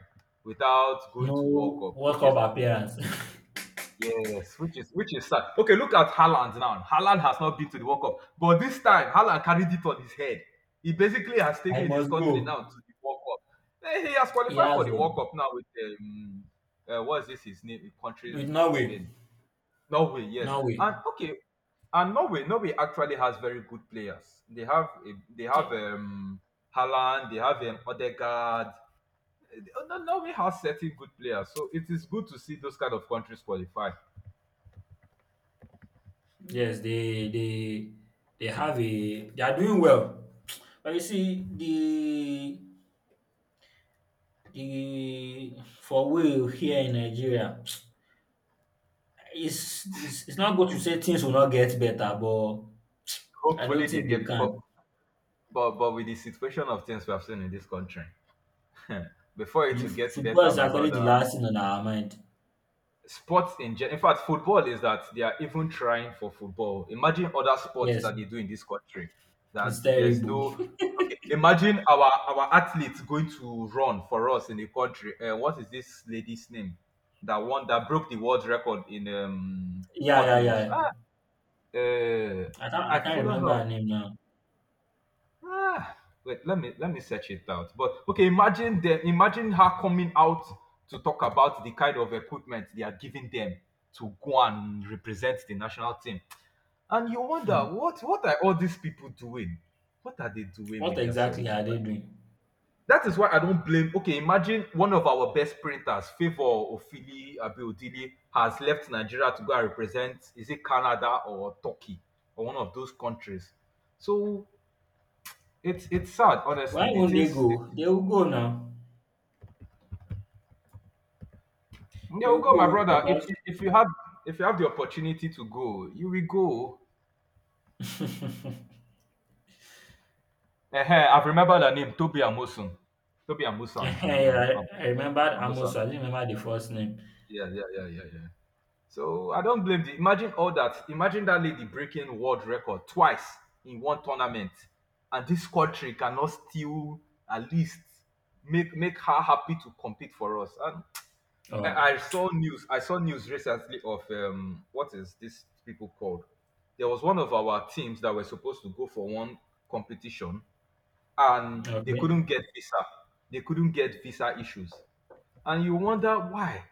without going to World
No
Cup,
World
which is
Cup appearance.
yes, which is sad. Okay, look at Haaland now. Haaland has not been to the World Cup, but this time Haaland carried it on his head. He basically has
I
taken his
must
country
go.
now to the World Cup. He has
He
qualified for
has
the
a
World Cup now with what is this his name? Countries
with Norway.
again, Norway. Yes,
Norway.
and okay, and Norway, actually has very good players. They have a- they have
Ye-
um Haaland, they have Odegaard. Eh, Norway has certain good players, so it is good to see those kind of countries qualify.
Yes, they have a they are doing well. But you see, the for we here in Nigeria, it's not good to say things will not get better, but I
Hopefully
don't
they
think they
get,
can.
but with the situation of things we have seen in this country before it will get
Football
better,
is
my
actually the
brother.
last thing on our mind.
Sports in general, in fact football, is that they are even trying for football. Imagine other sports
Yes,
that they do in this country, that
it's
there's
terrible.
no, okay, imagine our athletes going to run for us in the country. What is this lady's name, that one that broke the world record in
Yeah, yeah,
hurdles?
yeah.
Uh, I
I can't
follow
remember
her.
her name now.
Ah, wait, let me search it out. But okay, imagine them. Imagine her coming out to talk about the kind of equipment they are giving them to go and represent the national team. And you wonder,
Hmm.
what are all these people doing? What are they doing
What
with
exactly
themselves?
are they doing?
That is why I don't blame. Okay, imagine one of our best printers, Favor Ofili Abiodili, has left Nigeria to go and represent. Is it Canada or Turkey, or one of those countries? So it's sad,
Why
honestly.
won't they go? They will go now.
Yeah, well,
They'll
go, my
go
brother. If
because
you if you have if you have the opportunity to go, you will go. I've remembered her name, Toby Amusan. Toby Amusan.
yeah,
Abi Amu-
yeah,
Am-
I
Toby
remembered
Amusan.
Amos. I didn't remember the first name.
Yeah, yeah, yeah, yeah, yeah. So I don't blame the imagine all that. Imagine that lady breaking world record twice in one tournament. And this country cannot still, at least, make her happy to compete for us. And
Oh,
I saw news. I saw news recently of what is this people called? There was one of our teams that were supposed to go for one competition, and they
okay,
couldn't get visa. They couldn't get visa issues. And you wonder why,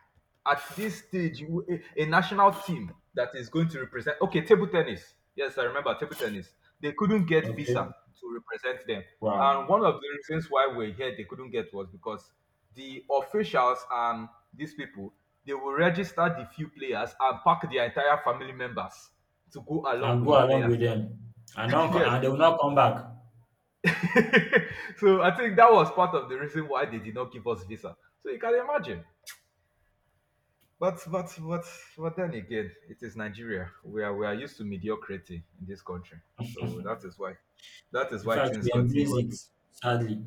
at this stage, you, a national team that is going to represent, okay, table tennis. Yes, I remember table tennis. They couldn't get visa
okay,
to represent them.
wow.
And one of the reasons why we're here, they couldn't get, was because the officials and these people, they will register the few players and pack their entire family members to go along
I'll
with the
go along
players.
with them, and don't co-
Yes,
and they will not come back.
so I think that was part of the reason why they did not give us visa. So you can imagine. But but but but then again, it is Nigeria. We are used to mediocrity in this country. So that is why that is
In
why
fact,
things
we embrace it
continually
sadly.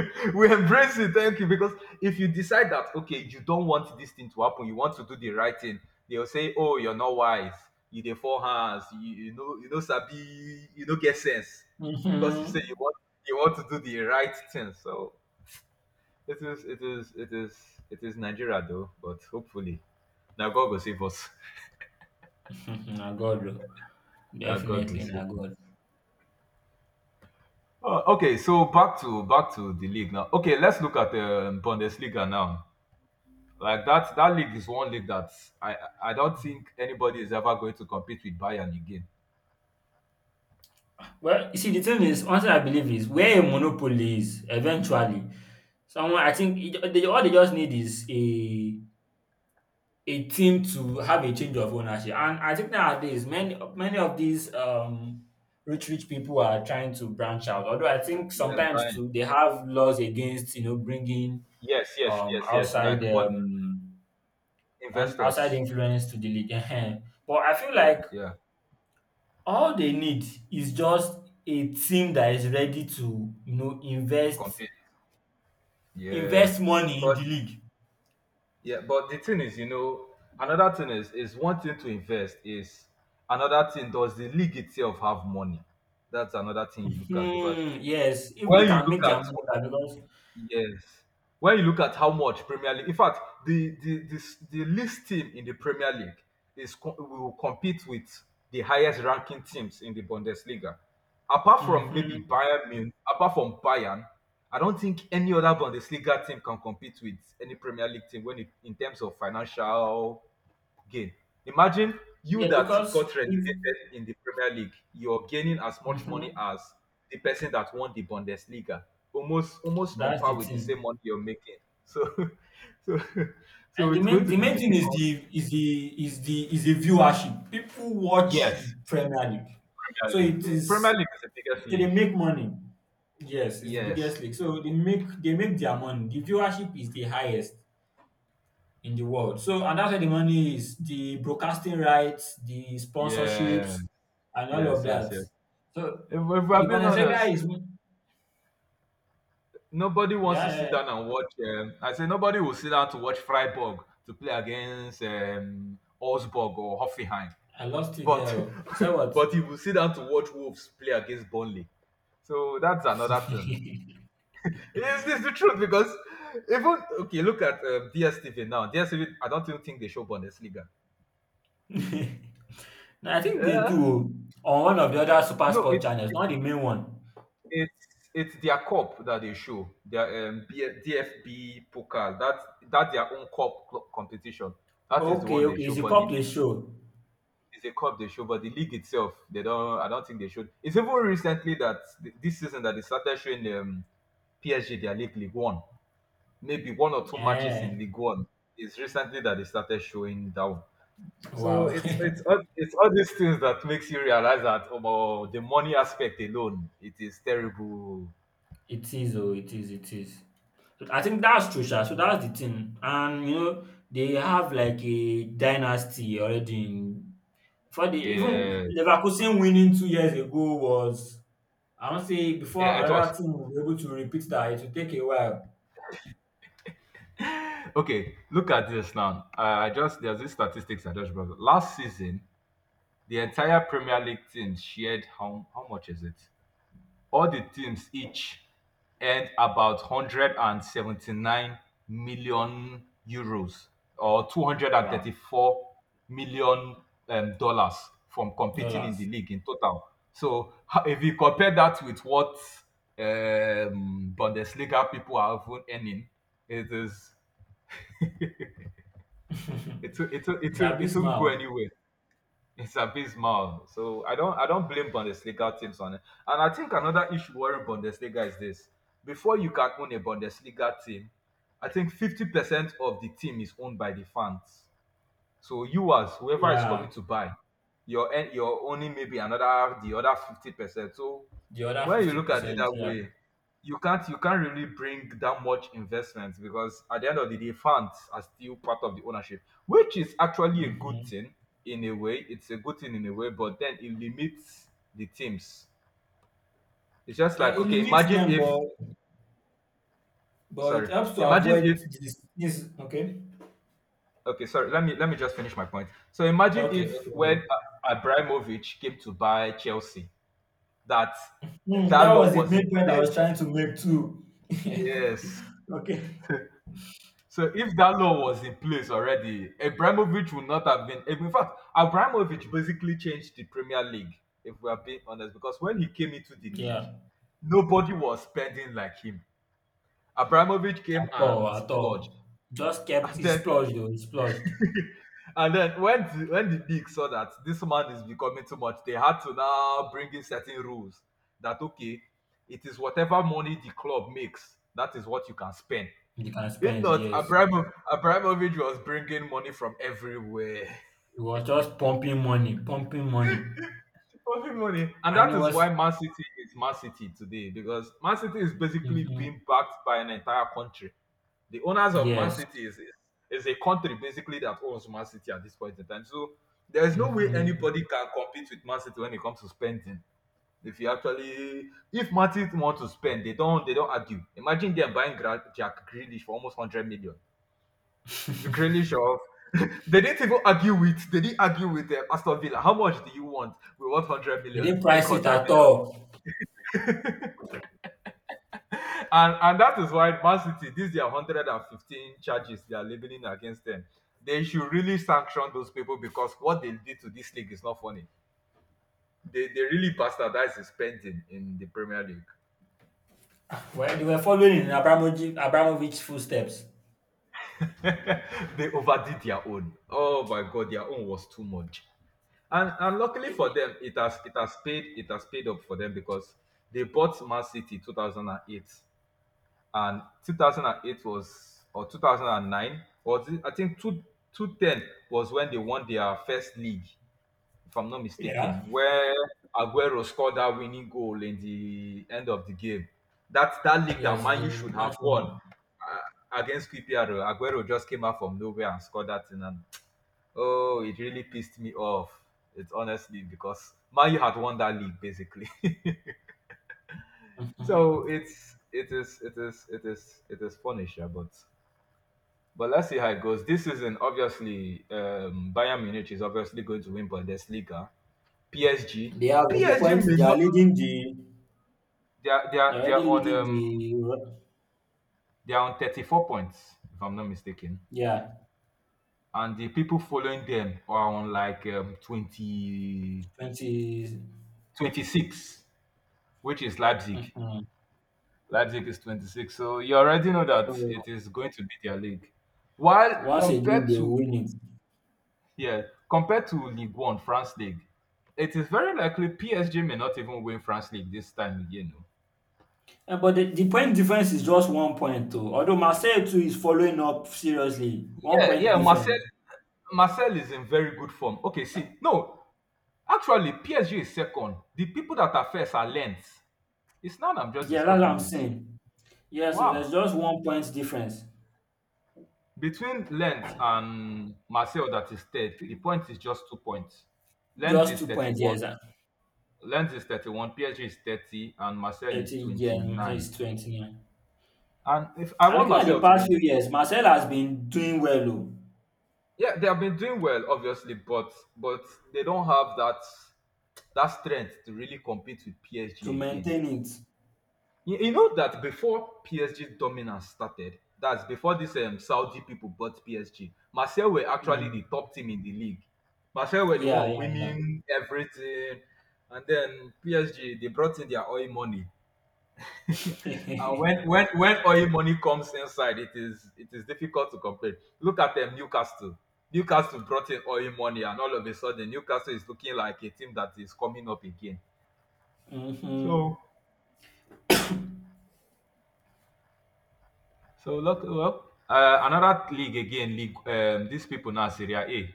we embrace it. Thank you. Because if you decide that okay, you don't want this thing to happen, you want to do the right thing, they'll say, Oh, you're not wise, you the four hands, you, you know Sabi, you know get sense. Because
Mm-hmm.
you say you want to do the right thing. So It is Nigeria though, but hopefully, now God will save us.
Na God, oh.
Now God will
Definitely na
save us.
God.
Oh, okay, so back to the league now. Okay, let's look at Bundesliga now. Like that league is one league that I I don't think anybody is ever going to compete with Bayern again.
Well, you see, the thing is, one thing I believe is where a monopoly is, eventually, someone I think all they just need is a team to have a change of ownership. And I think nowadays many of these rich people are trying to branch out. Although I think
Yeah,
sometimes
Bayern.
too they have laws against you know bringing
Yes, yes, yes, yes.
outside
Like but
on outside
investors.
influence to the league. Ehen. But I feel
Yeah,
like
yeah.
all they need is just a team that is ready to you know invest,
Compete. Yes,
invest money in
but
the league.
yeah, but the thing is, you know, another thing is one thing to invest is another thing. Does the league itself have money? That's another thing you look at because
Hmm, yes, if they
when you
can
look
make their
at
money back because.
yes. When you look at how much Premier League, in fact, the least team in the Premier League will compete with the highest ranking teams in the Bundesliga.
Mhm.
Apart from Bayern, I don't think any other Bundesliga team can compete with any Premier League team in terms of financial gain. Imagine you
Yeah,
that
because
got
if
relegated in the Premier League, you're gaining as much money
mhm.
as the person that won the Bundesliga, almost on
That's
par
the
with the same
thing.
money you're making. So, so, so
And
it's going to
the
be
main thing is
difficult.
the is the is the is the viewership. People watch the
Yes,
Premier League.
Premier
So
League.
it
The Premier
is
League is the biggest
they
league.
make money. Yes, it's the
Yes,
biggest league. So they make their money. The viewership is the highest in the world. So and that's where the money is. The broadcasting rights, the
yes,
sponsorships, and all of
yes, yes,
that.
yes.
So
If
the
we're being honest,
Bundesliga is
nobody wants to
yeah, yeah,
sit down
yeah.
and watch. I say nobody will sit down to watch Freiburg to play against Augsburg or Hoffenheim.
I lost you there.
But
Oh. So what?
but he will sit down to watch Wolves play against Burnley. So that's another thing. It's the truth because even okay, look at DSTV now. DSTV, I don't even think they show Bundesliga.
No, I think they do
Yeah,
oh, on one of the other
no,
SuperSport channels, not the main one.
it's it's their cup that they show their DFB Pokal. That their own cup competition. That is the one
Okay,
they
okay,
show,
it's the
but the
cup-play
league
show.
is a cup they show, but the league itself, they don't. I don't think they should. It's even recently that this season that they started showing PSG, their league, League One, maybe one or two matches
Eh,
in League One. It's recently that they started showing down. So
wow.
it's it's all, it's all these things that makes you realize that about the money aspect alone, it is terrible.
It is oh, it is, it is. So I think that's true sha. So that's the thing, and they have like a dynasty already in before they even
Yeah,
Leverkusen winning 2 years ago was I wan say before
yeah, it was.
another team will be able to repeat that, it will take a while.
Okay, look at this now. I just there's this statistics I just brought up. Last season, the entire Premier League team shared how much is it? All the teams each earned about €179 million euros or $234
Wow,
million dollars from competing in the
dollars.
league in total. So if you compare that with what Bundesliga people are even earning, it is it it it
It's
it, it won't go
abysmal.
anywhere. It's abysmal. So I don't blame Bundesliga teams on it. And I think another issue worrying Bundesliga is this. Before you can own a Bundesliga team, I think 50% of the team is owned by the fans. So you as whoever is
Yeah.
coming to buy, you're owning maybe another the other 50%. So
The other
when you look at it
50%,
that
yeah.
way, you can't really bring that much investment because at the end of the day, funds are still part of the ownership, which is actually a good
Mhm.
thing in a way. It's a good thing in a way, but then it limits the teams. It's just
Yeah,
like
it
okay,
limits
imagine
them,
if
but it
sorry,
helps to
imagine
avoid
if
this. This. Okay,
okay, sorry, let me just finish my point. So imagine
okay,
if
okay, okay.
when Abramovich came to buy Chelsea that
Hmm,
that
that
law
was the
was in
main point I
place.
was trying to make too.
Yes.
Okay.
So if that law was in place already, Abramovich would not have been. In fact, Abramovich basically changed the Premier League, if we are being honest, because when he came into the league,
Yeah,
nobody was spending like him. Abramovich came
at all,
and
at
splurged,
all. Just kept
and
it
then
splurged, though, it splurged.
and then when the league saw that this man is becoming too much, they had to now bring in certain rules that okay, it is whatever money the club makes that is what you can spend.
You can
If
spend,
not,
yes.
Abramovich was bringing money from everywhere.
It was just pumping money, pumping money.
Fucking money. And
And
that
it
is why
was,
Man City is Man City today because Man City is basically
hmm,
being backed by an entire country. The owners of Man
yes.
City is a country basically that owns Man City at this point in time. So there is no way
Hmm.
anybody can compete with Man City when it comes to spending. If you actually, if Man City want to spend, they don't argue. Imagine them buying Jack Grealish for almost 100 million. Krylishov. They didn't argue with Aston Villa. How much do you want? We want 100
They
million.
didn't
Take
price it
100
at
million.
all.
And that is why Man City, these are 115 charges they are leveling against them. They should really sanction those people because what they did to this league is not funny. They really bastardized the spending in the Premier League.
Well, they were following in Abramovich's footsteps.
they overdid their own. Oh my god, their own was too much. And luckily for them, it has paid up for them because they bought Man City 2008 and 2008 was or 2009 or I think two ten was when they won their first league, if I'm not mistaken,
Yeah.
where Aguero scored that winning goal in the end of the game. That league that
Yes,
Man U
the
should have
match
won
winner.
against QPR. Aguero just came out from nowhere and scored that in and oh, it really pissed me off. It's honestly because Man U had won that league basically.
Mhm.
so it's it is it is it is it is punisher, but let's see how it goes. This season, obviously, Bayern Munich is obviously going to win Bundesliga. PSG,
They are with the
PSG
point.
may
They
not.
are leading the.
They are they
They're
are they
already
are on
leading the.
um
Euro-
they are on 34 points if I'm not mistaken,
yeah,
and the people following them are on like 20,
20.
26, which is Leipzig.
Mhm.
Leipzig is 26. So you already know that
So
it is going to be their league. While
once again
compared
they
to
win it.
yeah, compared to League One, France League, it is very likely PSG may not even win France League this time again. No,
Eh, but the point difference is just one point too. Although Marseille too is following up seriously, one
yeah,
point
yeah,
difference.
Marcel is in very good form. Okay, see, no, actually PSG is second. The people that are first are Lens. It's now that I'm just
Yeah, that's what
discovering
I'm
this.
saying. Yeah, so
Wow.
there's just one point difference.
Between Lens and Marcel that is third, the point is just 2 points. Lens
Just
is
two points.
31,
Yes,
Lens is 31, PSG is 30, and Marcel is
30 Jan, so
29.
he's 29.
And if I
And
want
looking at the
Marcel to
past
win the
few
league,
years, Marcel has been doing well oh.
yeah, they have been doing well, obviously, but they don't have that strength to really compete with
To
PSG again.
maintain it.
You know that before PSG's dominance started, that's before these Saudi people bought PSG, Marseille were actually
Mm.
the top team in the league. Marseille were the
Yeah,
one
yeah,
winning everything, and then PSG they brought in their oil money And
yeah.
when oil money comes inside, it is difficult to complain. Look at Newcastle. Newcastle brought in oil money, and all of a sudden, Newcastle is looking like a team that is coming up again.
Hmm.
So look well, another league again. League these people now Syria A.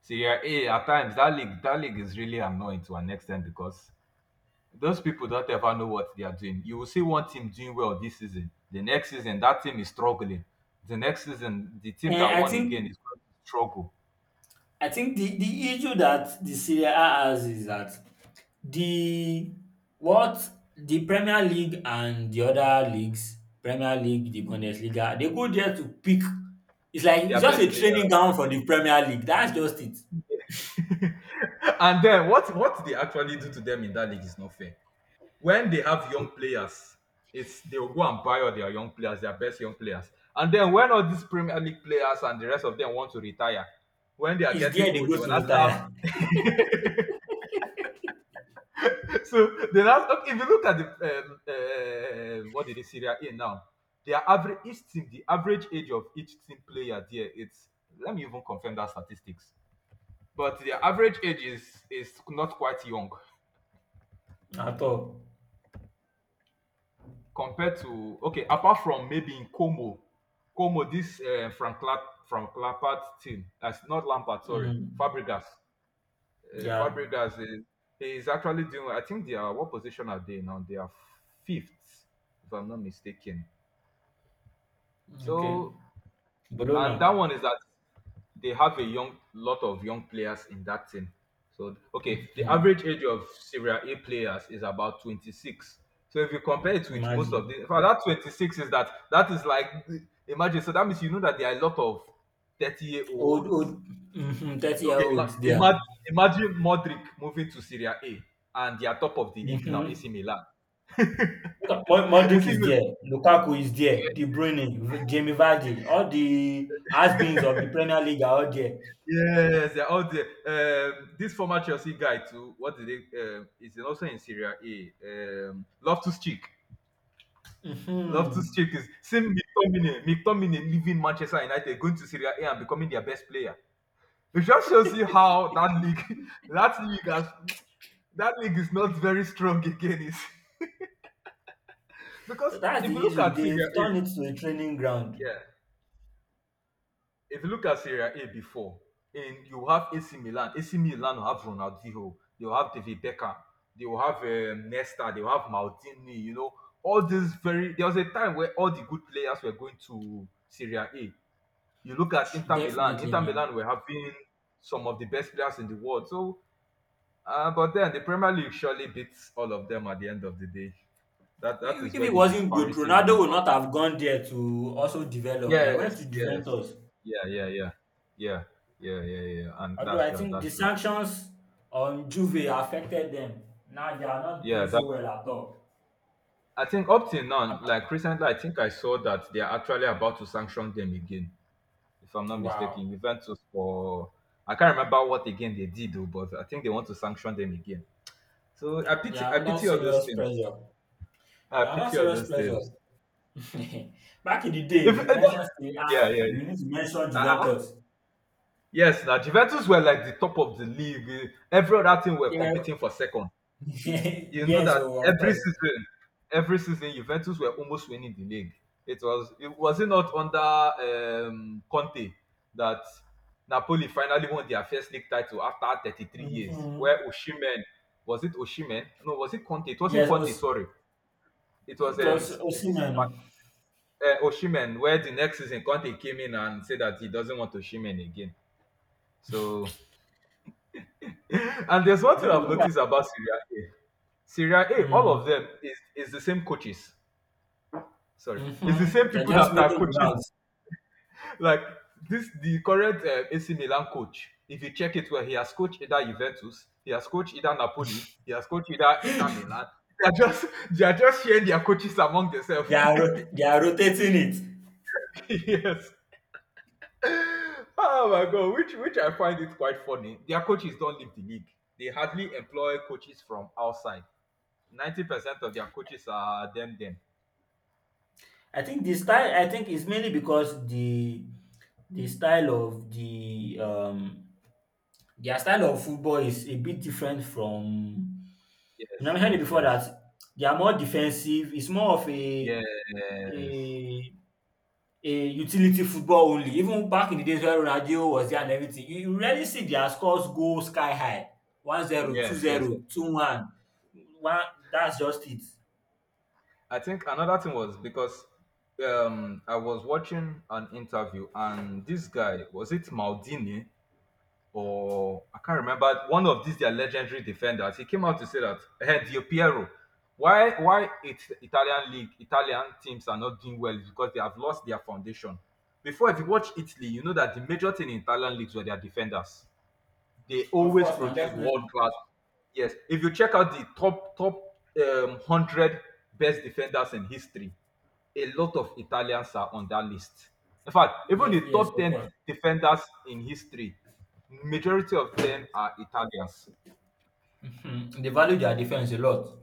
Syria A at times that league is really annoying to an extent because those people don't ever know what they are doing. You will see one team doing well this season. The next season, that team is struggling. The next season, the team
And
that
I
won
think
again is going to struggle.
I think the issue that the Serie A has is that the what the Premier League and the other leagues, Premier League, the Bundesliga, they go there to pick. It's like it's
Their
just
best
a
players.
training ground for the Premier League. That's just it.
and then what they actually do to them in that league is not fair. When they have young players, it's they will go and buy all their young players, their best young players. And then when all these Premier League players and the rest of them want to retire, when they are
It's
getting
there they
old, they
go
will
to
not start.
retire.
So then, okay, if you look at the what did they Syria in now? Their average each team, the average age of each team player there, it's let me even confirm that statistics. But their average age is not quite young
At all.
compared to okay, apart from maybe in Como, Como this from Lampard from Clapart team. That's not Lampard, sorry,
Mhm.
Fabregas.
Yeah.
Fabregas is actually doing. I think they are what position are they now? They are fifth, if I'm not mistaken.
Okay.
So,
Bologna.
and that one is that they have a young lot of young players in that team. So, okay, the
Mhm.
average age of Syria A players is about 26. So, if you compare it with most of
Imagine.
the, in fact, that 26 is that is like, imagine, so that means you know that there are a lot of 30 year
Old,
olds.
old, mhm,
Okay,
30-year-olds there.
imagine, imagine Modric moving to Syria A and they are top of the league now,
Mhm.
AC Milan.
Look at
AC
Modric is
Milan.
there, Lukaku is there, De Bruyne, Jamie Vardy, all the has-beens of the Premier League are all there.
Yes, they're all there. This former Chelsea guy too. What did they? Is also in Syria A. Loftus Cheek. Loftus
Mhm.
Cheek is same McTominay. McTominay leaving Manchester United, going to Syria A and becoming their best player. It just shows you how that league, that league has, that league is not very strong again. Is because
So that's
if you
the
look
issue.
at Syria
They've
A,
turned it to a training ground.
yeah, if you look at Serie A before, in you have AC Milan. AC Milan will have Ronaldinho. They will have David Beckham. They will have Nesta. They will have Maldini. You know, all these very. There was a time where all the good players were going to Serie A. You look at Inter Milan.
Definitely,
Inter
na.
Milan were having some of the best players in the world. So, but then the Premier League surely beats all of them at the end of the day. That
If
is
if
where
it
the
wasn't good,
disparity
Ronaldo
really
would
comes.
not have gone there to also develop. Now he went to
Yes, yes.
Juventus.
Yeah, yeah, yeah. Yeah. Yeah, yeah, yeah. Yeah. And
Although
that's
I
right,
think the
that's true.
sanctions on Juve affected them. Now they are not
Yeah,
doing
that
so well at all.
I think up till now, like recently I think I saw that they are actually about to sanction them again, if I'm not
Wow.
mistaken. Juventus for I can't remember what again they did though, but I think they want to sanction them again. So I
They
pity I
are under
pity all those
serious
teams.
pressure.
I
They are under
pity all
serious
those
pressure.
teams.
Back in the day,
If
if you mention Serie A,
yeah, yeah.
you need to mention
Yeah.
Juventus.
Yes, now Juventus were like the top of the league. Every other team were
They were-
competing for second. You know
yes,
that
oh, of
every
course.
season, every season, Juventus were almost winning the league. It was, it not under Conte that Napoli finally won their first league title after 33 years,
Hmm.
where Osimhen was it Osimhen? No, was it Conte? It wasn't
Yes,
Conte.
Os-
Sorry, it was
it was
is this
Osimhen. Oh.
Oshimen? Where the next season Conte came in and said that he doesn't want Osimhen again. So, and there's one
I
thing
don't
I've
know why.
noticed about Serie A. Serie A, all of
Mm-hmm.
them is the same coaches. Sorry, it's the same
They're
people that
just
are
making the
coaching.
rounds.
Like this, the current AC Milan coach. If you check it, well, he has coached either Juventus, he has coached either Napoli, he has coached either Inter Milan. They are just they are just sharing their coaches among themselves.
They are rotating it.
yes. Oh my god, which I find it quite funny. Their coaches don't leave the league. They hardly employ coaches from outside. 90% of their coaches are them.
I think the style, I think, is mainly because the style of the um their style of football is a bit different from I
Yes,
mentioned it
yes,
before
yes,
that they are more defensive. It's more of
yes,
a a utility football only. Even back in the days when Ronaldinho was there and everything, you rarely see their scores go sky high. 1-0,
yes, yes, yes.
2-0, 2-1. One, one, that's just it.
I think another thing was because I was watching an interview and this guy was it Maldini or I can't remember one of these their legendary defenders. He came out to say that hey, Di Piero, why it, Italian league Italian teams are not doing well is because they have lost their foundation. Before, if you watch Italy, you know that the major thing in Italian leagues were their defenders. They
Of
always
course, now
produce world
definitely.
class. Yes, if you check out the top 100 best defenders in history, a lot of Italians are on that list. In fact, even
Yes,
the
yes,
top
of course.
10 defenders in history, majority of them are Italians.
Mhm. They value their defense a lot.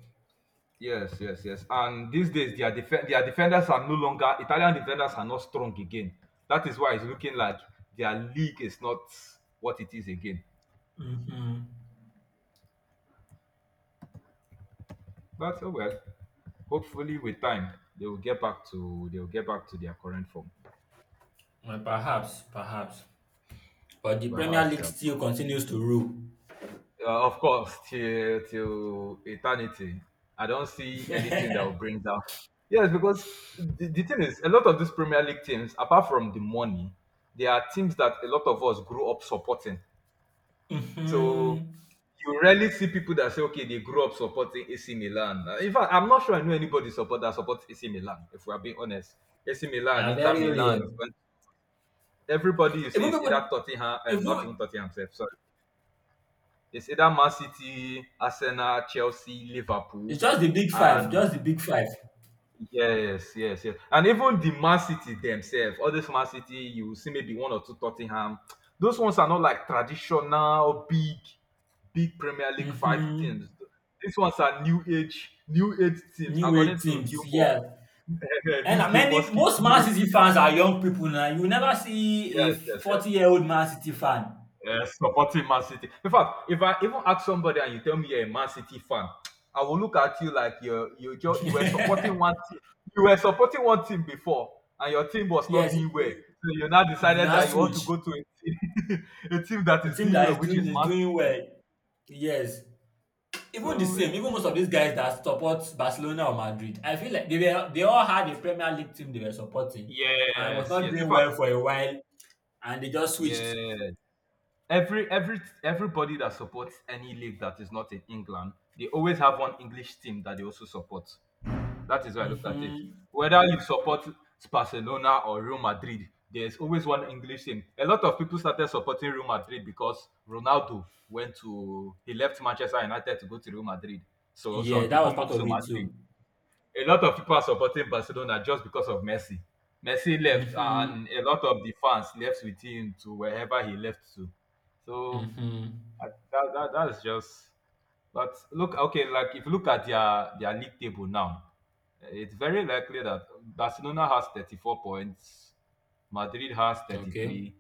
Yes, yes, yes. And these days, their defenders are no longer, Italian defenders are not strong again. That is why it's looking like their league is not what it is again.
Mhm.
But oh well, hopefully with time, they will get back to their current form.
Well, perhaps, perhaps. But the Premier
Perhaps,
League
yeah.
still continues to rule.
Of course, till eternity. I don't see anything that will bring down. Yes, because the thing is, a lot of these Premier League teams, apart from the money, they are teams that a lot of us grew up supporting. So
Mhm.
you rarely see people that say, okay, they grew up supporting AC Milan. In fact, I'm not sure I know anybody support that supports AC Milan. If we are being honest, AC
They
Milan,
are
Inter
very rare.
Milan, everybody you see
Even
is either
people,
Tottenham, and not even
even
Tottenham, himself. It's either Man City, Arsenal, Chelsea, Liverpool,
it's just the big five,
and
just the big five.
yes, yes, yes. And even the Man City themselves, all this Man City, you will see maybe one or two Tottenham. Those ones are not like traditional big, big Premier League five teams.
Mhm.
These ones are new age teams,
New age
according to
teams,
Gilmore.
yeah. And
this
na many
Gilmore skit,
most
new
Man
age
City fans
teams.
are young people now. You never see a
Yes, yes, yes.
40-year-old-year-old Man City fan.
Yeah, supporting Man City. In fact, if I even ask somebody and you tell me you're a Man City fan, I will look at you like you were supporting one team. You were supporting one team before, and your team was not
Yes,
doing well.
you
So you now
you
decided
now
that you want to
switch.
go to a team, a team that
A
is
team
doing
that
well, which is
is
Man
doing
City.
well. Yes.
So
Even
it's
most of these guys that support Barcelona or Madrid, I feel like they all had a Premier League team they were supporting, and was
yes,
not
yes. In
doing
fact,
well for a while, and they just switched.
yeah. Everybody that supports any league that is not in England, they always have one English team that they also support. That is how I looked at it.
Hmm.
Whether you support Barcelona or Real Madrid, there's always one English team. A lot of people started supporting Real Madrid because Ronaldo went to he left Manchester United to go to Real Madrid. So some
Yeah, that
people
was part
moved
of
to
it
Madrid.
too.
A lot of people are supporting Barcelona just because of Messi. Messi left,
Hmm.
and a lot of the fans left with him to wherever he left to. So
Hmm.
that's just. But look, okay, like if you look at their league table now, it's very likely that Barcelona has 34 points, Madrid has
Okay.
33.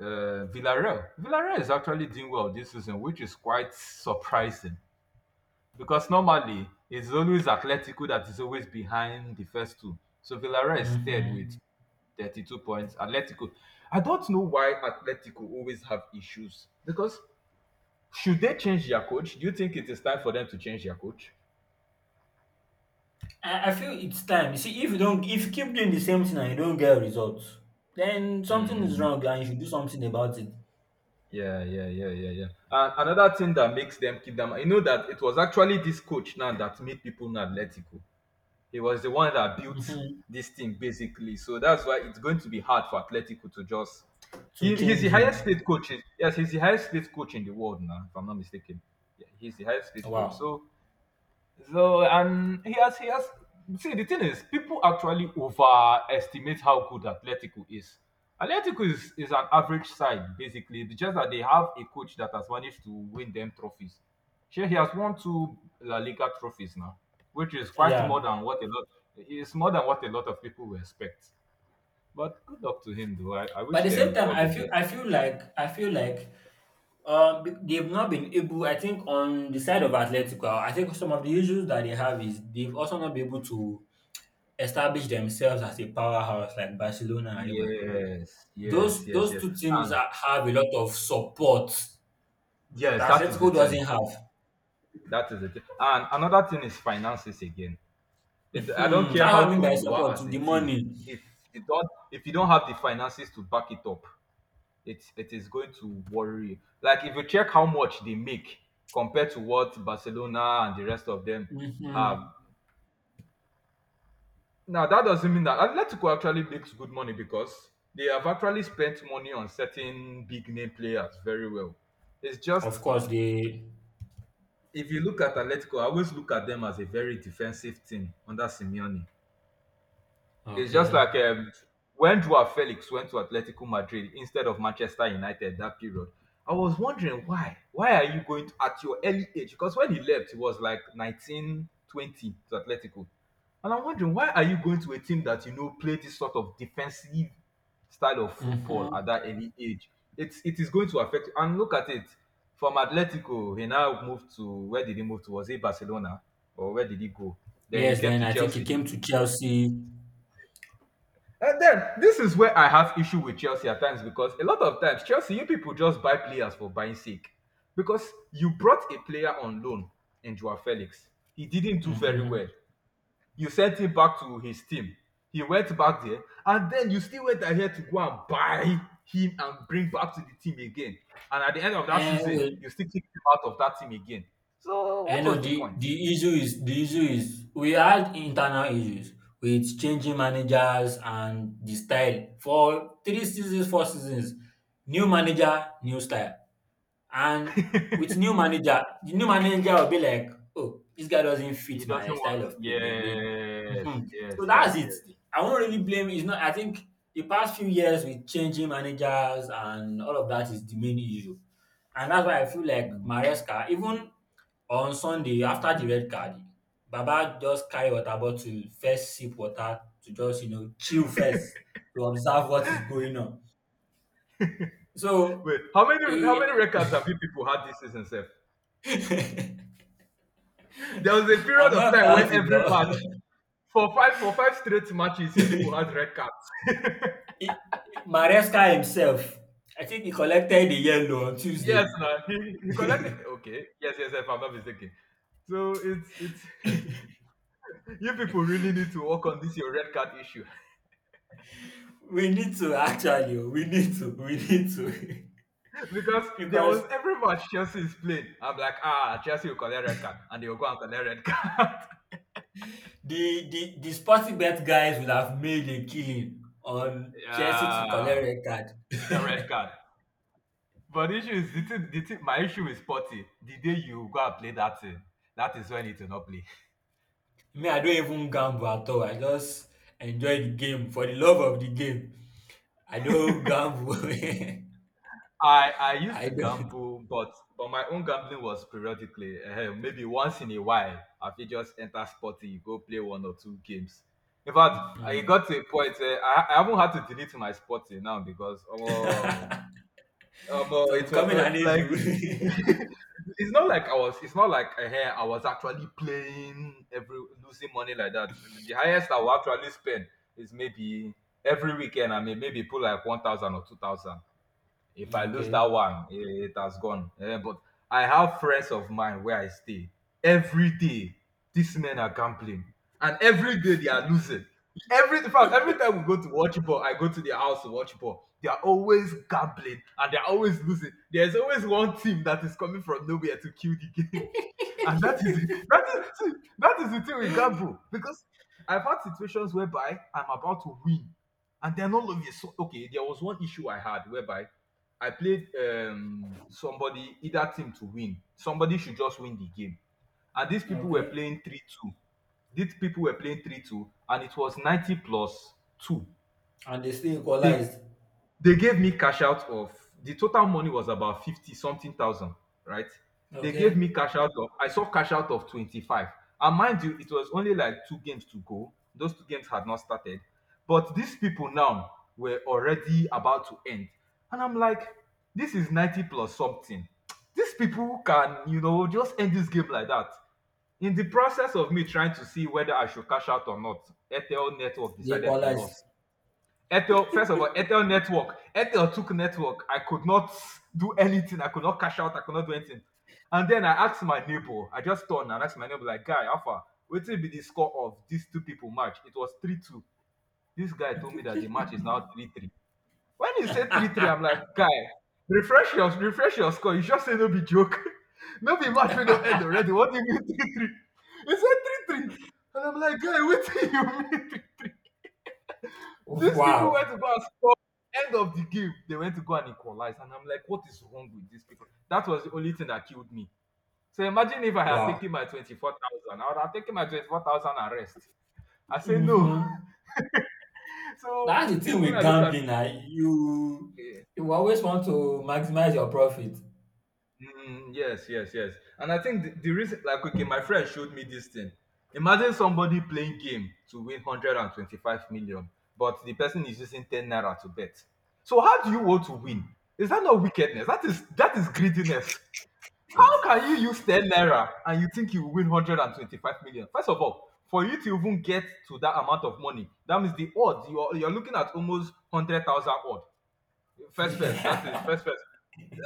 Uh, Villarreal. Villarreal is actually doing well this season, which is quite surprising because normally it's always Atletico that is always behind the first two. So Villarreal is third with
Hmm.
32 points. Atletico. I don't know why Atletico always have issues because should they change their coach? Do you think it is time for them to change their coach?
I feel it's time. You see, if you keep doing the same thing and you don't get results, then something is
Hmm,
wrong and you should do something about it.
yeah, yeah, yeah, yeah, yeah. And another thing that makes them keep them, that it was actually this coach now that made people now Atletico. He was the one that built
Hmm.
this team basically. So that's why it's going to be hard for Atletico to just.
To
He's
change
the highest
him.
paid coach. Yes, he's the highest paid coach in the world now, if I'm not mistaken. Yeah, he's the highest paid coach.
Wow.
So so and he has see the thing is people actually overestimate how good Atletico is. Atletico is an average side basically. It's just that they have a coach that has managed to win them trophies. Sure, he has won two La Liga trophies now, which is quite more
Yeah.
than what a lot is more than what a lot of people will expect. But good luck to him though. I
But at
wish
the same
them
time,
all
i
the
feel
best.
i feel like i feel like they've not been able, I think, on the side of Atletico. I think some of the issues that they have is they've also not been able to establish themselves as a powerhouse like Barcelona and Real Madrid.
Yes, yes,
Those
yes,
those
yes.
two teams
And
have a lot of support
yes,
that
that is the
Atletico
thing.
doesn't have.
That is it. And another thing is finances again. I don't
Hmm, that's
care
what I
how
mean by
good you are
support.
as a
The
team.
money.
If if you don't have the finances to back it up, it is going to worry you. Like if you check how much they make compared to what Barcelona and the rest of them
Hmm.
have. Now that doesn't mean that Atletico actually makes good money because they have actually spent money on certain big name players very well. It's just
Of course, they.
if you look at Atletico, I always look at them as a very defensive team under Simeone. It's just
Okay.
like when Joao Felix went to Atletico Madrid instead of Manchester United that period. I was wondering why. Why are you going to, at your early age? Because when he left, he was like 19 20 to Atletico. And I'm wondering why are you going to a team that you know play this sort of defensive style of football
Hmm.
at that early age? It is going to affect you. And look at it. From Atletico, he now moved to, where did he move to? Was it Barcelona? Or where did he go? Then he
Yes,
came
then
to
I think he
Chelsea.
came to Chelsea.
And then this is where I have issue with Chelsea at times, because a lot of times Chelsea, you people just buy players for buying sake. Because you brought a player on loan in Joao Felix. He didn't do very
Mm-hmm.
well. You sent him back to his team. He went back there, and then you still went ahead to go and buy him and bring back to the team again. And at the end of that
And
season,
well,
you still kicked him out of that team again. So
I
what
know
was the point?
the issue is we had internal issues with changing managers and the style for 3 seasons, 4 seasons. New manager, new style. And with new manager, the new manager will be like, "Oh, this guy doesn't
He
fit my
doesn't want.
style of play." Then they,
Yes,
mhm. So
yes, yes,
that's it.
yes.
I won't really blame. It's not. I think the past few years with changing managers and all of that is the main issue, and that's why I feel like Maresca, even on Sunday after the red card, Baba just carry water bottle, first sip water to just chill first to observe what is going on. So
Wait, how many
he
records have you people had this season, Seth? There was a period
I'm
of
not
time where
counting
every
though.
match, for five straight matches, you people had red cards.
It- Maresca himself, I think he collected the yellow on
Yes,
Tuesday.
now he collected. Okay, yes, yes, if I'm not mistaken. So it's you people really need to work on this your red card issue.
We need to actually, oh, we need to.
Because there was
Because
every match Chelsea is playing, I'm like, ah, Chelsea will collect red card, and they will go and collect red card.
the sporting bet guys would have made a killing on Chelsea to
Yeah,
collect red
red
card.
card. But the issue is, the thing, my issue is sporty, the day you go and play that thing, that is when it will not play.
Me, I don't even gamble at all. I just enjoy the game for the love of the game. I don't gamble.
I used
I
to
don't.
gamble, but my own gambling was periodically, maybe once in a while. I fit just enter sporty, you go play one or two games. In fact, I
Hmm.
got to a point where I haven't had to delete my sporty now because oh.
It was
It was
becoming
not
an
like,
issue.
it's not like I was. It's not like, hey, I was actually playing every losing money like that. The highest I will actually spend is maybe every weekend. I mean, maybe put like 1,000 or 2,000. If I lose that
Okay.
one, it has gone. Eh, but I have friends of mine where I stay. Every day, these men are gambling, and every day they are losing. Every In fact, every time we go to watch ball, I go to their house to watch ball. They are always gambling and they are always losing. There's always one team that is coming from nowhere to kill the game. And that is the thing with gamble, because I've had situations whereby I'm about to win, and then all of a sudden, okay, there was one issue I had whereby I played, somebody, either team to win. Somebody should just win the game. And these people were
Okay.
playing 3-2. These people were playing 3-2, and it was 90 plus 2.
And they still
Take
equalized.
they gave me cash out of The total money was about 50 something thousand, right? they gave me
Okay.
cash out of I saw cash out of 25. And mind you, it was only like two games to go. Those two games had not started, but these people now were already about to end. And I'm like, this is 90 plus something. These people can, just end this game like that. In the process of me trying to see whether I should cash out or not, Airtel network
They
decided to
equalized.
lose. Ethel, first of all, Ethel network. Ethel took network. I could not do anything. I could not cash out. I could not do anything. And then I asked my neighbor. I just turned and asked my neighbor, like, guy, Alpha, what will be the score of these two people match? It was 3-2. This guy told me that the match is now 3-3. When he said 3-3, I'm like, guy, refresh your score. You just say, no be joke. No be match we don't end already. What do you mean 3-3? He said 3-3. And I'm like, guy, what do you mean 3-3? These people went to
Wow.
go and score. End of the game, they went to go and equalize. And I'm like, what is wrong with these people? That was the only thing that killed me. So imagine if I had
Wow.
taken my 24,000, I would have taken my 24,000 and rest. I say no.
Mm-hmm.
So
That's the thing
when
with
I look at,
gambling now. You
eh,
you always want to maximize your profit.
mm, yes, yes, yes. And I think the reason, like, okay, my friend showed me this thing. Imagine somebody playing game to win 125 million, but the person is using 10 naira to bet. So how do you want to win? Is that not wickedness? That is greediness. How can you use 10 naira and you think you will win 125 million? First of all, for you to even get to that amount of money, that means the odds you're looking at almost 100,000 odd. First, first,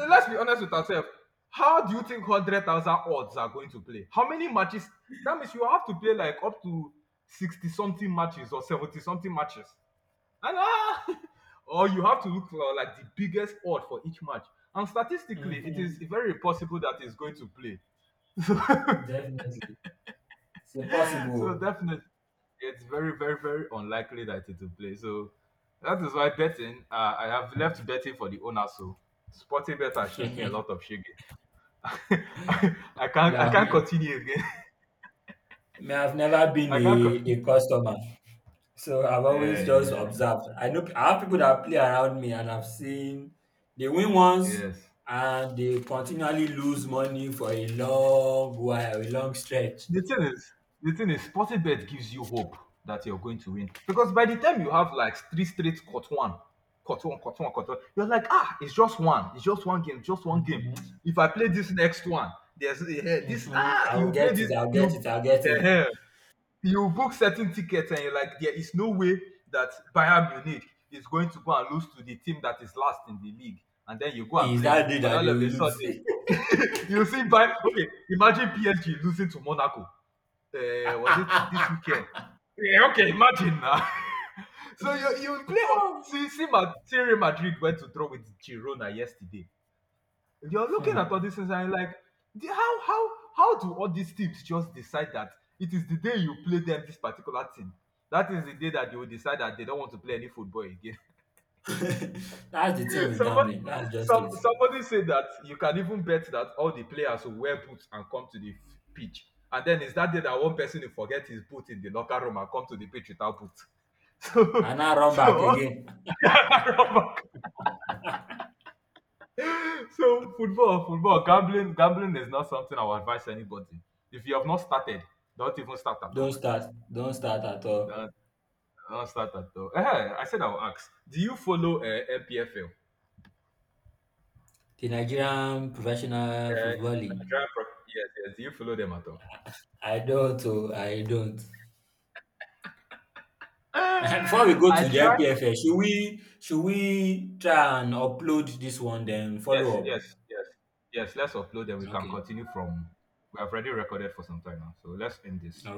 let's be honest with ourselves. How do you think 100,000 odds are going to play? How many matches? That means you have to play like up to 60 something matches or 70 something matches. And ah, or you have to look for like the biggest odd for each match. And statistically, it is
Mm-hmm.
very impossible that it's going to play. so
Definitely. It's
so
impossible.
definitely, it's very, very, very unlikely that it will play. So that is why betting, I have left betting for the owner. So Sporting Bet has shown me a
may,
lot of shiggy. I can't
have,
continue again.
may have never been
I can't co-
a customer. So I've always just
Eh,
observed. I know I have people that play around me, and I've seen they win once
yes.
and they continually lose money for a long while, a long stretch.
The thing is the thing is, sporting bet gives you hope that you're going to win. Because by the time you have like three straight caught one, caught one, caught one, caught one, you're like, ah, it's just one game, just one game.
Mhm.
If I play this next one, there's eh, this
Mhm.
ah
I will
you play
get it.
this
I'll get
you
it. I'll get it.
eh, eh, you book certain tickets and you're like, there is no way that Bayern Munich is going to go and lose to the team that is last in the league. And then you go and
Is
play it.
that day
And
that
all
they
of
will
a
lose?
sudden, you see Bayern. Okay, imagine PSG losing to Monaco. Was it this weekend? Yeah, okay, imagine now. So you play.
Oh.
See, Real Madrid went to draw with Girona yesterday. You're looking at all
Hmm.
these things and you're like, "The- how how how do all these teams just decide that it is the day you play them, this particular team, that is the day that they will decide that they don't want to play any football again?"
That's the thing with
somebody
gambling. That's just
some
it.
somebody said that you can even bet that all the players will wear boots and come to the pitch, and then it's that day that one person will forget his boot in the locker room and come to the pitch without boots. so
And now run
so
back
all
again.
So football, gambling is not something I would advise anybody. If you have not started, don't even start at all.
Don't start. Don't start at all.
Don't, don't start at all. I said I will ask. Do you follow, MPFL?
The Nigerian Professional
Uh,
Football League.
Yes, yes. Do you follow them at all?
I don't oh, I don't. And before we
Eh,
go
I
to the
try.
IPFL, should we try and upload this one then
Yes,
follow
yes, yes, yes. Let's upload them. We
up?
can
Okay.
continue from. We have already recorded for some time now, so let's end this.